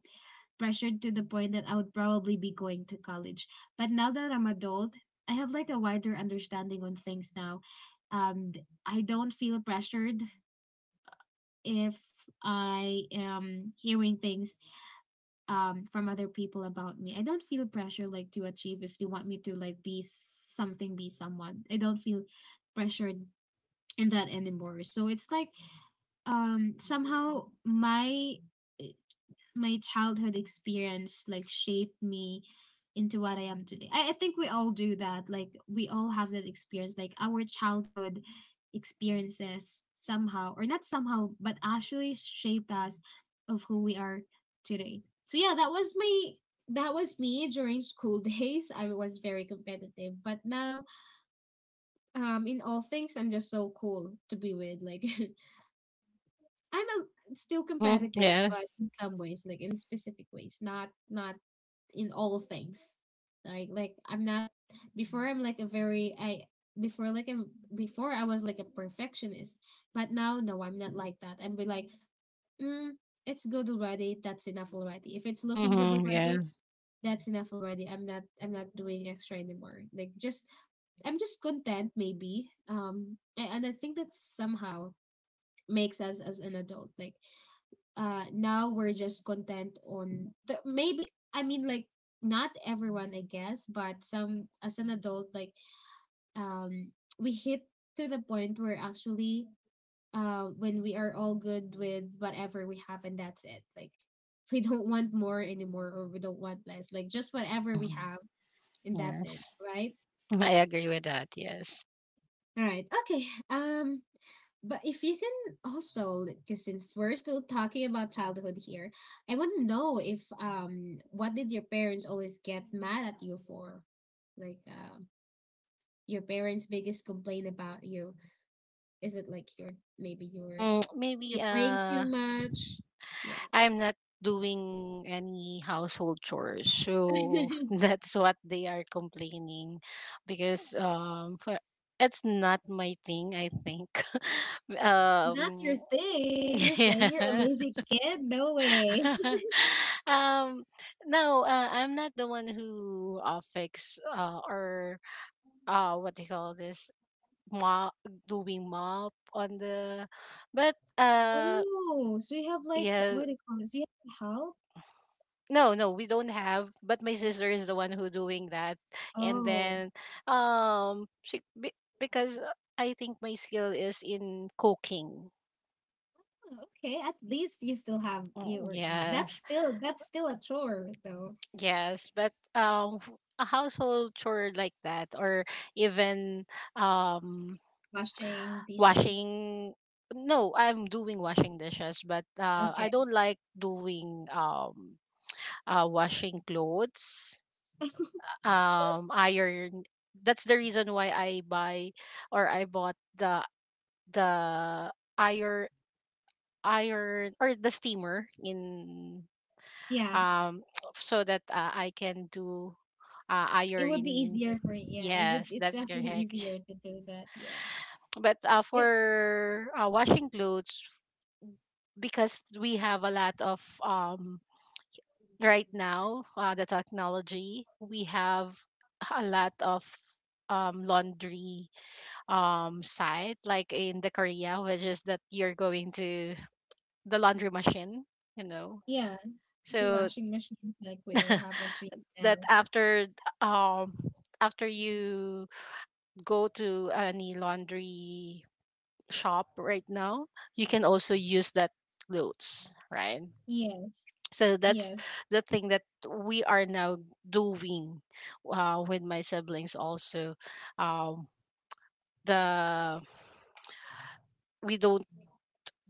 Speaker 1: pressured to the point that I would probably be going to college. But now that I'm adult, I have like a wider understanding on things now. Um, I don't feel pressured if I am hearing things from other people about me. I don't feel pressure like to achieve if they want me to like be something, be someone. I don't feel pressured in that anymore. So it's like, somehow my eh, my childhood experience like shaped me into what I am today. I think we all do that. Like, we all have that experience. Like, our childhood experiences somehow, or not somehow, but actually shaped us of who we are today. So yeah, that was me during school days. I was very competitive, but now, in all things, I'm just so cool to be with. Like, I'm still
Speaker 2: Mm-hmm.
Speaker 1: competitive, but
Speaker 2: Yes.
Speaker 1: in some ways, like in specific ways, not in all things. Like I'm not before I'm like a very I before like I'm before I was like a perfectionist, but now no, I'm not like that. I'm be like, mm, it's good already. That's enough already. If it's looking good
Speaker 2: Mm-hmm.
Speaker 1: already,
Speaker 2: Yes.
Speaker 1: that's enough already. I'm not doing extra anymore. Like, just, I'm just content maybe. And I think that somehow makes us as an adult. Like, now we're just content maybe, I mean, like, not everyone, I guess, but some, as an adult, like, um we hit to the point where actually, when we are all good with whatever we have, and that's it. Like, we don't want more anymore, or we don't want less, like, just whatever we have,
Speaker 2: Mm-hmm.
Speaker 1: and that's
Speaker 2: Yes.
Speaker 1: it. Right.
Speaker 2: I agree with that. Yes.
Speaker 1: All right. Okay. um but if you can also, because since we're still talking about childhood here, I want to know if, what did your parents always get mad at you for? Like, your parents' biggest complaint about you, is it like you're maybe
Speaker 2: Mm, maybe
Speaker 1: you're playing too much? Yeah.
Speaker 2: I'm not doing any household chores, so that's what they are complaining, because for, it's not my thing. I think.
Speaker 1: Not your
Speaker 2: um.
Speaker 1: thing. You're saying you're a
Speaker 2: Yeah.
Speaker 1: lazy kid? No way.
Speaker 2: um. No. I'm not the one who fix or what do you call this, mop, doing mop on the, but um
Speaker 1: Oh, so you have, like,
Speaker 2: Yeah.
Speaker 1: what do you call this? You have help?
Speaker 2: No, no, we don't have. But my sister is the one who doing that, and
Speaker 1: Oh,
Speaker 2: then because I think my skill is in cooking.
Speaker 1: oh, okay. At least you still have you,
Speaker 2: Mm,
Speaker 1: or that's
Speaker 2: yes,
Speaker 1: still a chore though.
Speaker 2: yes, but a household chore like that, or even um,
Speaker 1: Washing dishes.
Speaker 2: washing. No, I'm doing washing dishes, but I
Speaker 1: Okay.
Speaker 2: don't like doing washing clothes, iron. That's the reason why I buy or I bought the the iron iron or the steamer in
Speaker 1: Yeah,
Speaker 2: um so that I can do
Speaker 1: it would be
Speaker 2: ironing.
Speaker 1: easier for, yeah,
Speaker 2: Yes,
Speaker 1: it's
Speaker 2: that's
Speaker 1: definitely
Speaker 2: correct.
Speaker 1: easier to do that. Yeah.
Speaker 2: But
Speaker 1: It
Speaker 2: for washing clothes, because we have a lot of right now, the technology, we have a lot of laundry side, like in the Korea, which is that you're going to the laundry machine, you know
Speaker 1: yeah, the
Speaker 2: so
Speaker 1: washing machines, like, we all have machines
Speaker 2: that
Speaker 1: now.
Speaker 2: after um after you go to any laundry shop right now, you can also use that clothes, right?
Speaker 1: Yes.
Speaker 2: So that's
Speaker 1: Yes.
Speaker 2: the thing that we are now doing with my siblings also, um the we don't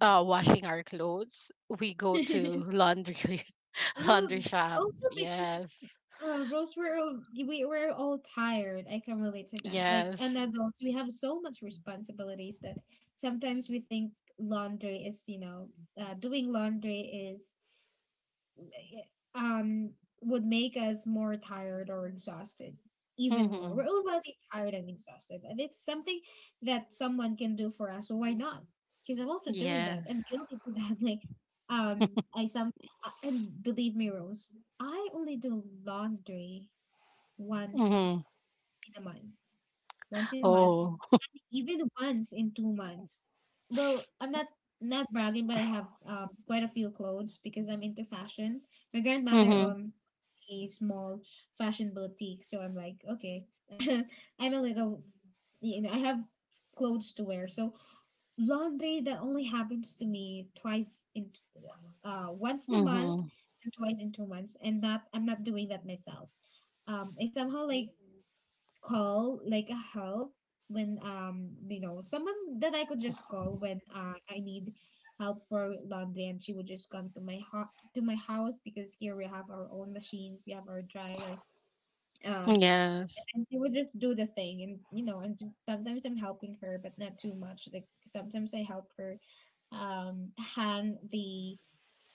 Speaker 2: washing our clothes, we go to laundry laundry
Speaker 1: Well,
Speaker 2: shop.
Speaker 1: also because,
Speaker 2: Yes.
Speaker 1: Rose, we're all, we're all tired. I can relate to that. Like, and
Speaker 2: Yes.
Speaker 1: adults, we have so much responsibilities that sometimes we think laundry is, you know, doing laundry is, um would make us more tired or exhausted, even more.
Speaker 2: Mm-hmm.
Speaker 1: We're already tired and exhausted, and it's something that someone can do for us, so why not? Because I'm also doing that.
Speaker 2: Yes.
Speaker 1: I'm guilty to that. Like, I some and believe me, Rose, I only do laundry once
Speaker 2: Mm-hmm.
Speaker 1: in a month, once in a month,
Speaker 2: Oh.
Speaker 1: even once in 2 months. Well, I'm not bragging, but I have quite a few clothes because I'm into fashion. My grandmother
Speaker 2: Mm-hmm.
Speaker 1: owned a small fashion boutique, so I'm like, okay, I'm a little, you know, I have clothes to wear. So laundry that only happens to me once in a month
Speaker 2: Mm-hmm.
Speaker 1: and twice in 2 months, and that I'm not doing that myself. I somehow like call like a help when someone that I could just call when, I need help for laundry, and she would just come to my to my house, because here we have our own machines. We have our dryer, uh
Speaker 2: Yes.
Speaker 1: and she would just do the thing, and, you know, and just sometimes I'm helping her, but not too much. Like, sometimes I help her hang the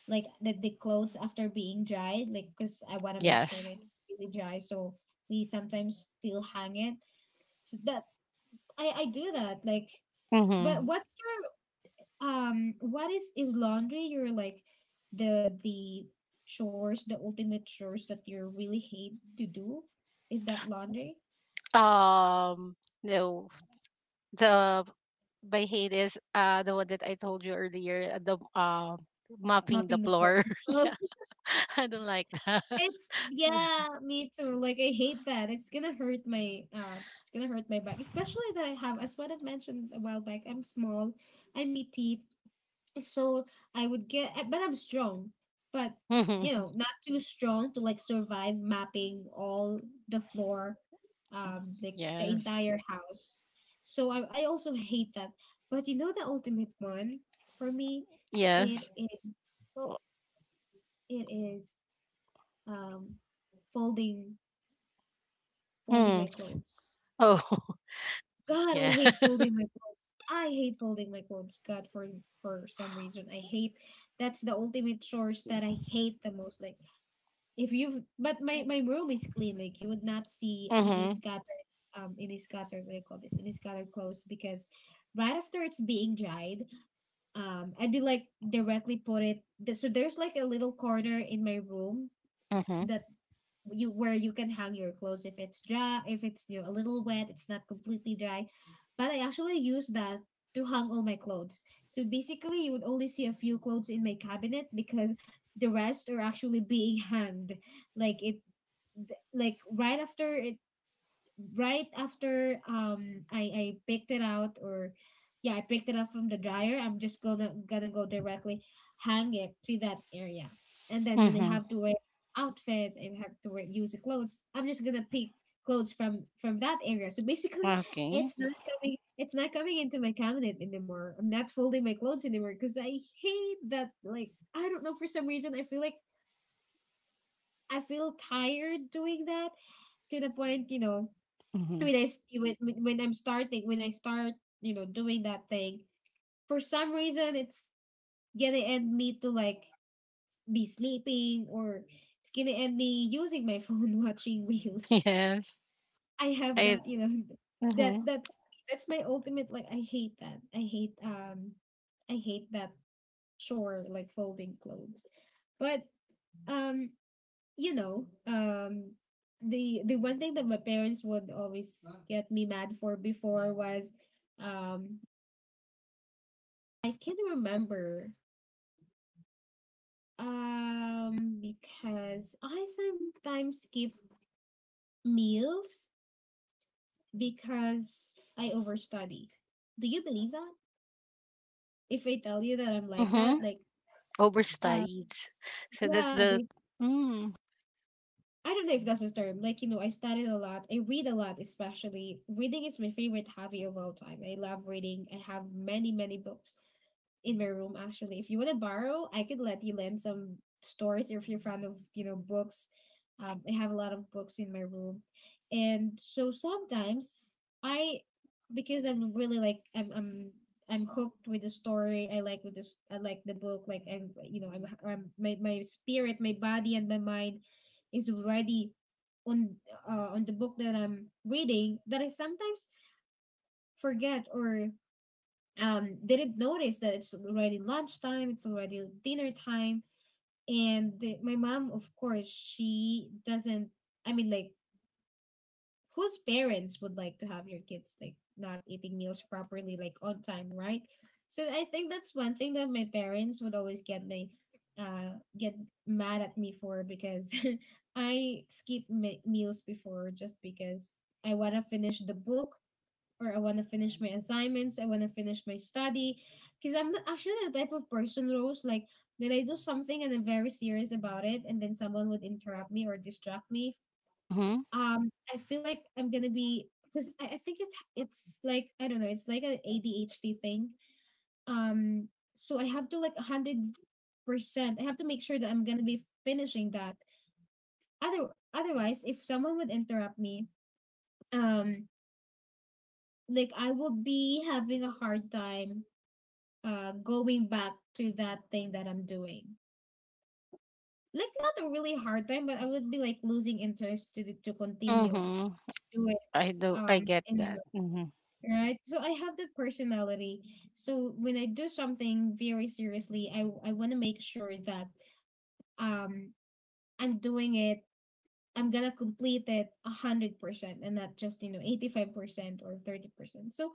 Speaker 1: like the, the clothes after being dried, like, because I want to make sure that
Speaker 2: Yes.
Speaker 1: it's really dry, so we sometimes still hang it, so that, I do that. Like, but
Speaker 2: Mm-hmm.
Speaker 1: what's your what is laundry your, like, the ultimate chores that you really hate to do, is that laundry?
Speaker 2: Um. No. The by hate is the one that I told you earlier. The mopping
Speaker 1: Mopping
Speaker 2: the
Speaker 1: the floor.
Speaker 2: floor.
Speaker 1: Oh.
Speaker 2: Yeah. I don't like that.
Speaker 1: It's, yeah, me too. Like, I hate that. It's gonna hurt my, it's gonna hurt my back, especially that I have, as what I've mentioned a while back, I'm small, I'm petite, so I would get, but I'm strong, but, you
Speaker 2: Mm-hmm.
Speaker 1: know, not too strong to like survive mapping all the floor, like the
Speaker 2: Yes.
Speaker 1: entire house. So I also hate that. But you know the ultimate one for me, it
Speaker 2: Yes.
Speaker 1: is,
Speaker 2: Oh.
Speaker 1: it is um folding folding
Speaker 2: Mm.
Speaker 1: my clothes.
Speaker 2: Oh.
Speaker 1: God, I
Speaker 2: Yeah.
Speaker 1: hate folding my clothes. I hate folding my clothes. God, for some reason, I hate, that's the ultimate chores that I hate the most. Like, if you've but my room is clean. Like, you would not see any
Speaker 2: Mhm.
Speaker 1: scattered what do you call this, any scattered clothes, because right after it's being dried, I'd be like directly put so there's like a little corner in my room
Speaker 2: Mhm.
Speaker 1: that you where you can hang your clothes if it's dry, if it's, you know, a little wet, it's not completely dry, but I actually use that to hang all my clothes, so basically you would only see a few clothes in my cabinet because the rest are actually being hanged like, like right after it right after, I picked it out, or, yeah, I picked it up from the dryer. I'm just gonna go directly hang it to that area. And then when I
Speaker 2: Mhm.
Speaker 1: have to wear outfit, I have to wear use the clothes, I'm just gonna pick clothes from that area. So basically,
Speaker 2: Okay.
Speaker 1: it's not coming, it's not coming into my cabinet anymore. I'm not folding my clothes anymore, because I hate that. Like, I don't know, for some reason I feel tired doing that, to the point, you know,
Speaker 2: Mhm.
Speaker 1: when when I'm starting when I start, doing that thing, for some reason it's gonna end me to, like, be sleeping, or it's gonna end me using my phone, watching reels.
Speaker 2: Yes.
Speaker 1: I have
Speaker 2: I.
Speaker 1: that. that
Speaker 2: Mhm.
Speaker 1: that's that's my ultimate. Like, I hate that. I hate that chore, like, folding clothes, but, um you know, um, the one thing that my parents would always get me mad for before was, um, I can remember, because I sometimes skip meals because I overstudy. Do you believe that? If I tell you that I'm like
Speaker 2: Mhm.
Speaker 1: that, like, uh,
Speaker 2: Overstudied. So that's
Speaker 1: yeah,
Speaker 2: the.
Speaker 1: like,
Speaker 2: Mm.
Speaker 1: I don't know if that's a term. Like, you know, I studied a lot. I read a lot, especially. Reading is my favorite hobby of all time. I love reading. I have many, many books in my room actually. If you want to borrow, I could let you lend some stories if you're fond of, books. I have a lot of books in my room. And so sometimes I because I'm really, like, I'm hooked with the story. I like the book. Like, I'm you know, I'm my, my spirit, my body, and my mind is already on, on the book that I'm reading, that I sometimes forget or, didn't notice that it's already lunchtime, it's already dinner time. And my mom, of course, she doesn't, I mean, like, whose parents would like to have your kids, like, not eating meals properly, like, on time, right? So I think that's one thing that my parents would always uh, get mad at me for because I skip meals before just because I want to finish the book or I want to finish my assignments, I want to finish my study. Because actually the type of person, Rose, like when I do something and I'm very serious about it, and then someone would interrupt me or distract me,
Speaker 2: Mhm.
Speaker 1: I feel like I'm gonna be because I think it it's like I don't know, it's like an ADHD thing. Um, so I have to like 100%. I have to make sure that I'm gonna be finishing that. Otherwise, if someone would interrupt me, um, like I would be having a hard time going back to that thing that I'm doing. Like not a really hard time, but I would be like losing interest to continue
Speaker 2: Mhm.
Speaker 1: to do it
Speaker 2: I do. I get that.
Speaker 1: anymore.
Speaker 2: Mhm.
Speaker 1: Right? So I have that personality. So when I do something very seriously, I want to make sure that um I'm doing it. I'm gonna complete it 100% and not just 85% or 30%. So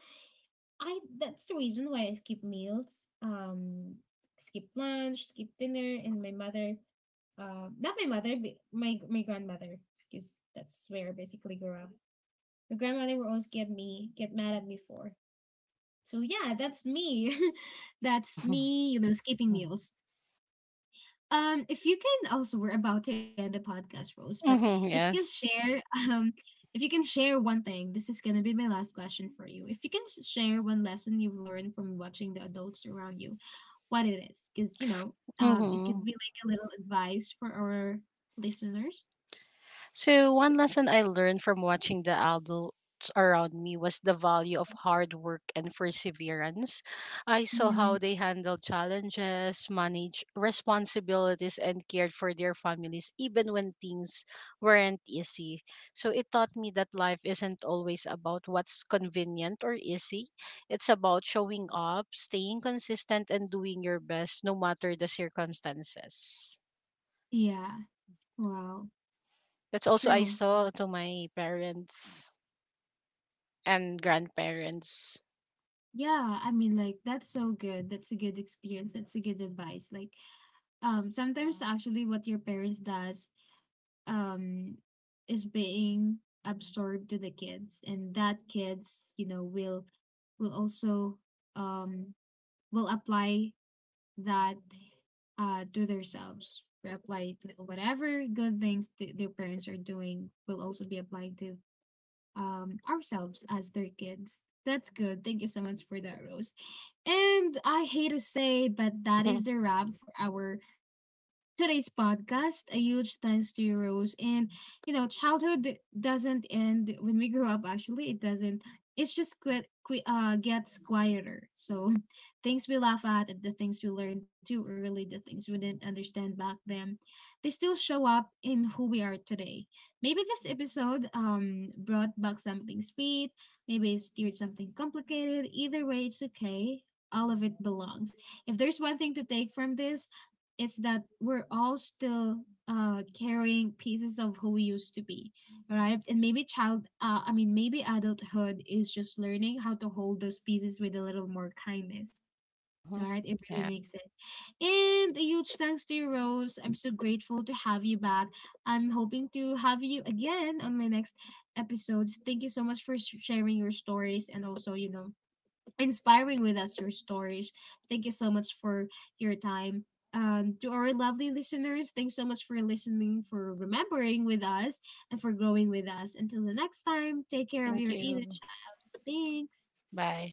Speaker 1: I that's the reason why I skip meals. Um, skip lunch, skip dinner, and my mother not my mother, but my grandmother, because that's where I basically grew up. My grandmother would always get mad at me for. So yeah, that's me. That's
Speaker 2: Mhm.
Speaker 1: me. You know, skipping meals. If you can also, we're about to end the podcast, Rose. But if
Speaker 2: Mhm.
Speaker 1: you can
Speaker 2: Yes.
Speaker 1: share, um, if you can share one thing, this is gonna be my last question for you. If you can share one lesson you've learned from watching the adults around you, what it is, because it could
Speaker 2: Mhm.
Speaker 1: be like a little advice for our listeners.
Speaker 2: So, one lesson I learned from watching the adults around me was the value of hard work and perseverance. I saw how
Speaker 1: Mhm.
Speaker 2: they handled challenges, managed responsibilities, and cared for their families even when things weren't easy. So, it taught me that life isn't always about what's convenient or easy. It's about showing up, staying consistent, and doing your best no matter the circumstances.
Speaker 1: Yeah. Wow.
Speaker 2: That's also I
Speaker 1: True.
Speaker 2: saw to my parents, and grandparents.
Speaker 1: Yeah, I mean like that's so good. That's a good experience. That's a good advice. Like sometimes actually what your parents does um is being absorbed to the kids, and that kids, you know, will also um will apply that to themselves. Will apply, like, whatever good things their parents are doing will also be applied to ourselves as their kids. That's good. Thank you so much for that, Rose. And I hate to say, but that
Speaker 2: Hmm.
Speaker 1: is the wrap for our today's podcast. A huge thanks to you, Rose. And you know, childhood doesn't end when we grow up. Actually, it doesn't. It's just quit, qui gets quieter. So, things we laugh at, the things we learned too early, the things we didn't understand back then, they still show up in who we are today. Maybe this episode brought back something sweet. Maybe it steered something complicated. Either way, it's okay. All of it belongs. If there's one thing to take from this, it's that we're all still carrying pieces of who we used to be, right? And maybe child I mean maybe adulthood is just learning how to hold those pieces with a little more kindness, right? It really
Speaker 2: Yeah.
Speaker 1: makes sense. And a huge thanks to you, Rose. I'm so grateful to have you back. I'm hoping to have you again on my next episodes. Thank you so much for sharing your stories, and also, you know, inspiring with us your stories. Thank you so much for your time. To our lovely listeners, thanks so much for listening, for remembering with us, and for growing with us. Until the next time, take care of
Speaker 2: Thank
Speaker 1: your inner
Speaker 2: you.
Speaker 1: child. Thanks.
Speaker 2: Bye.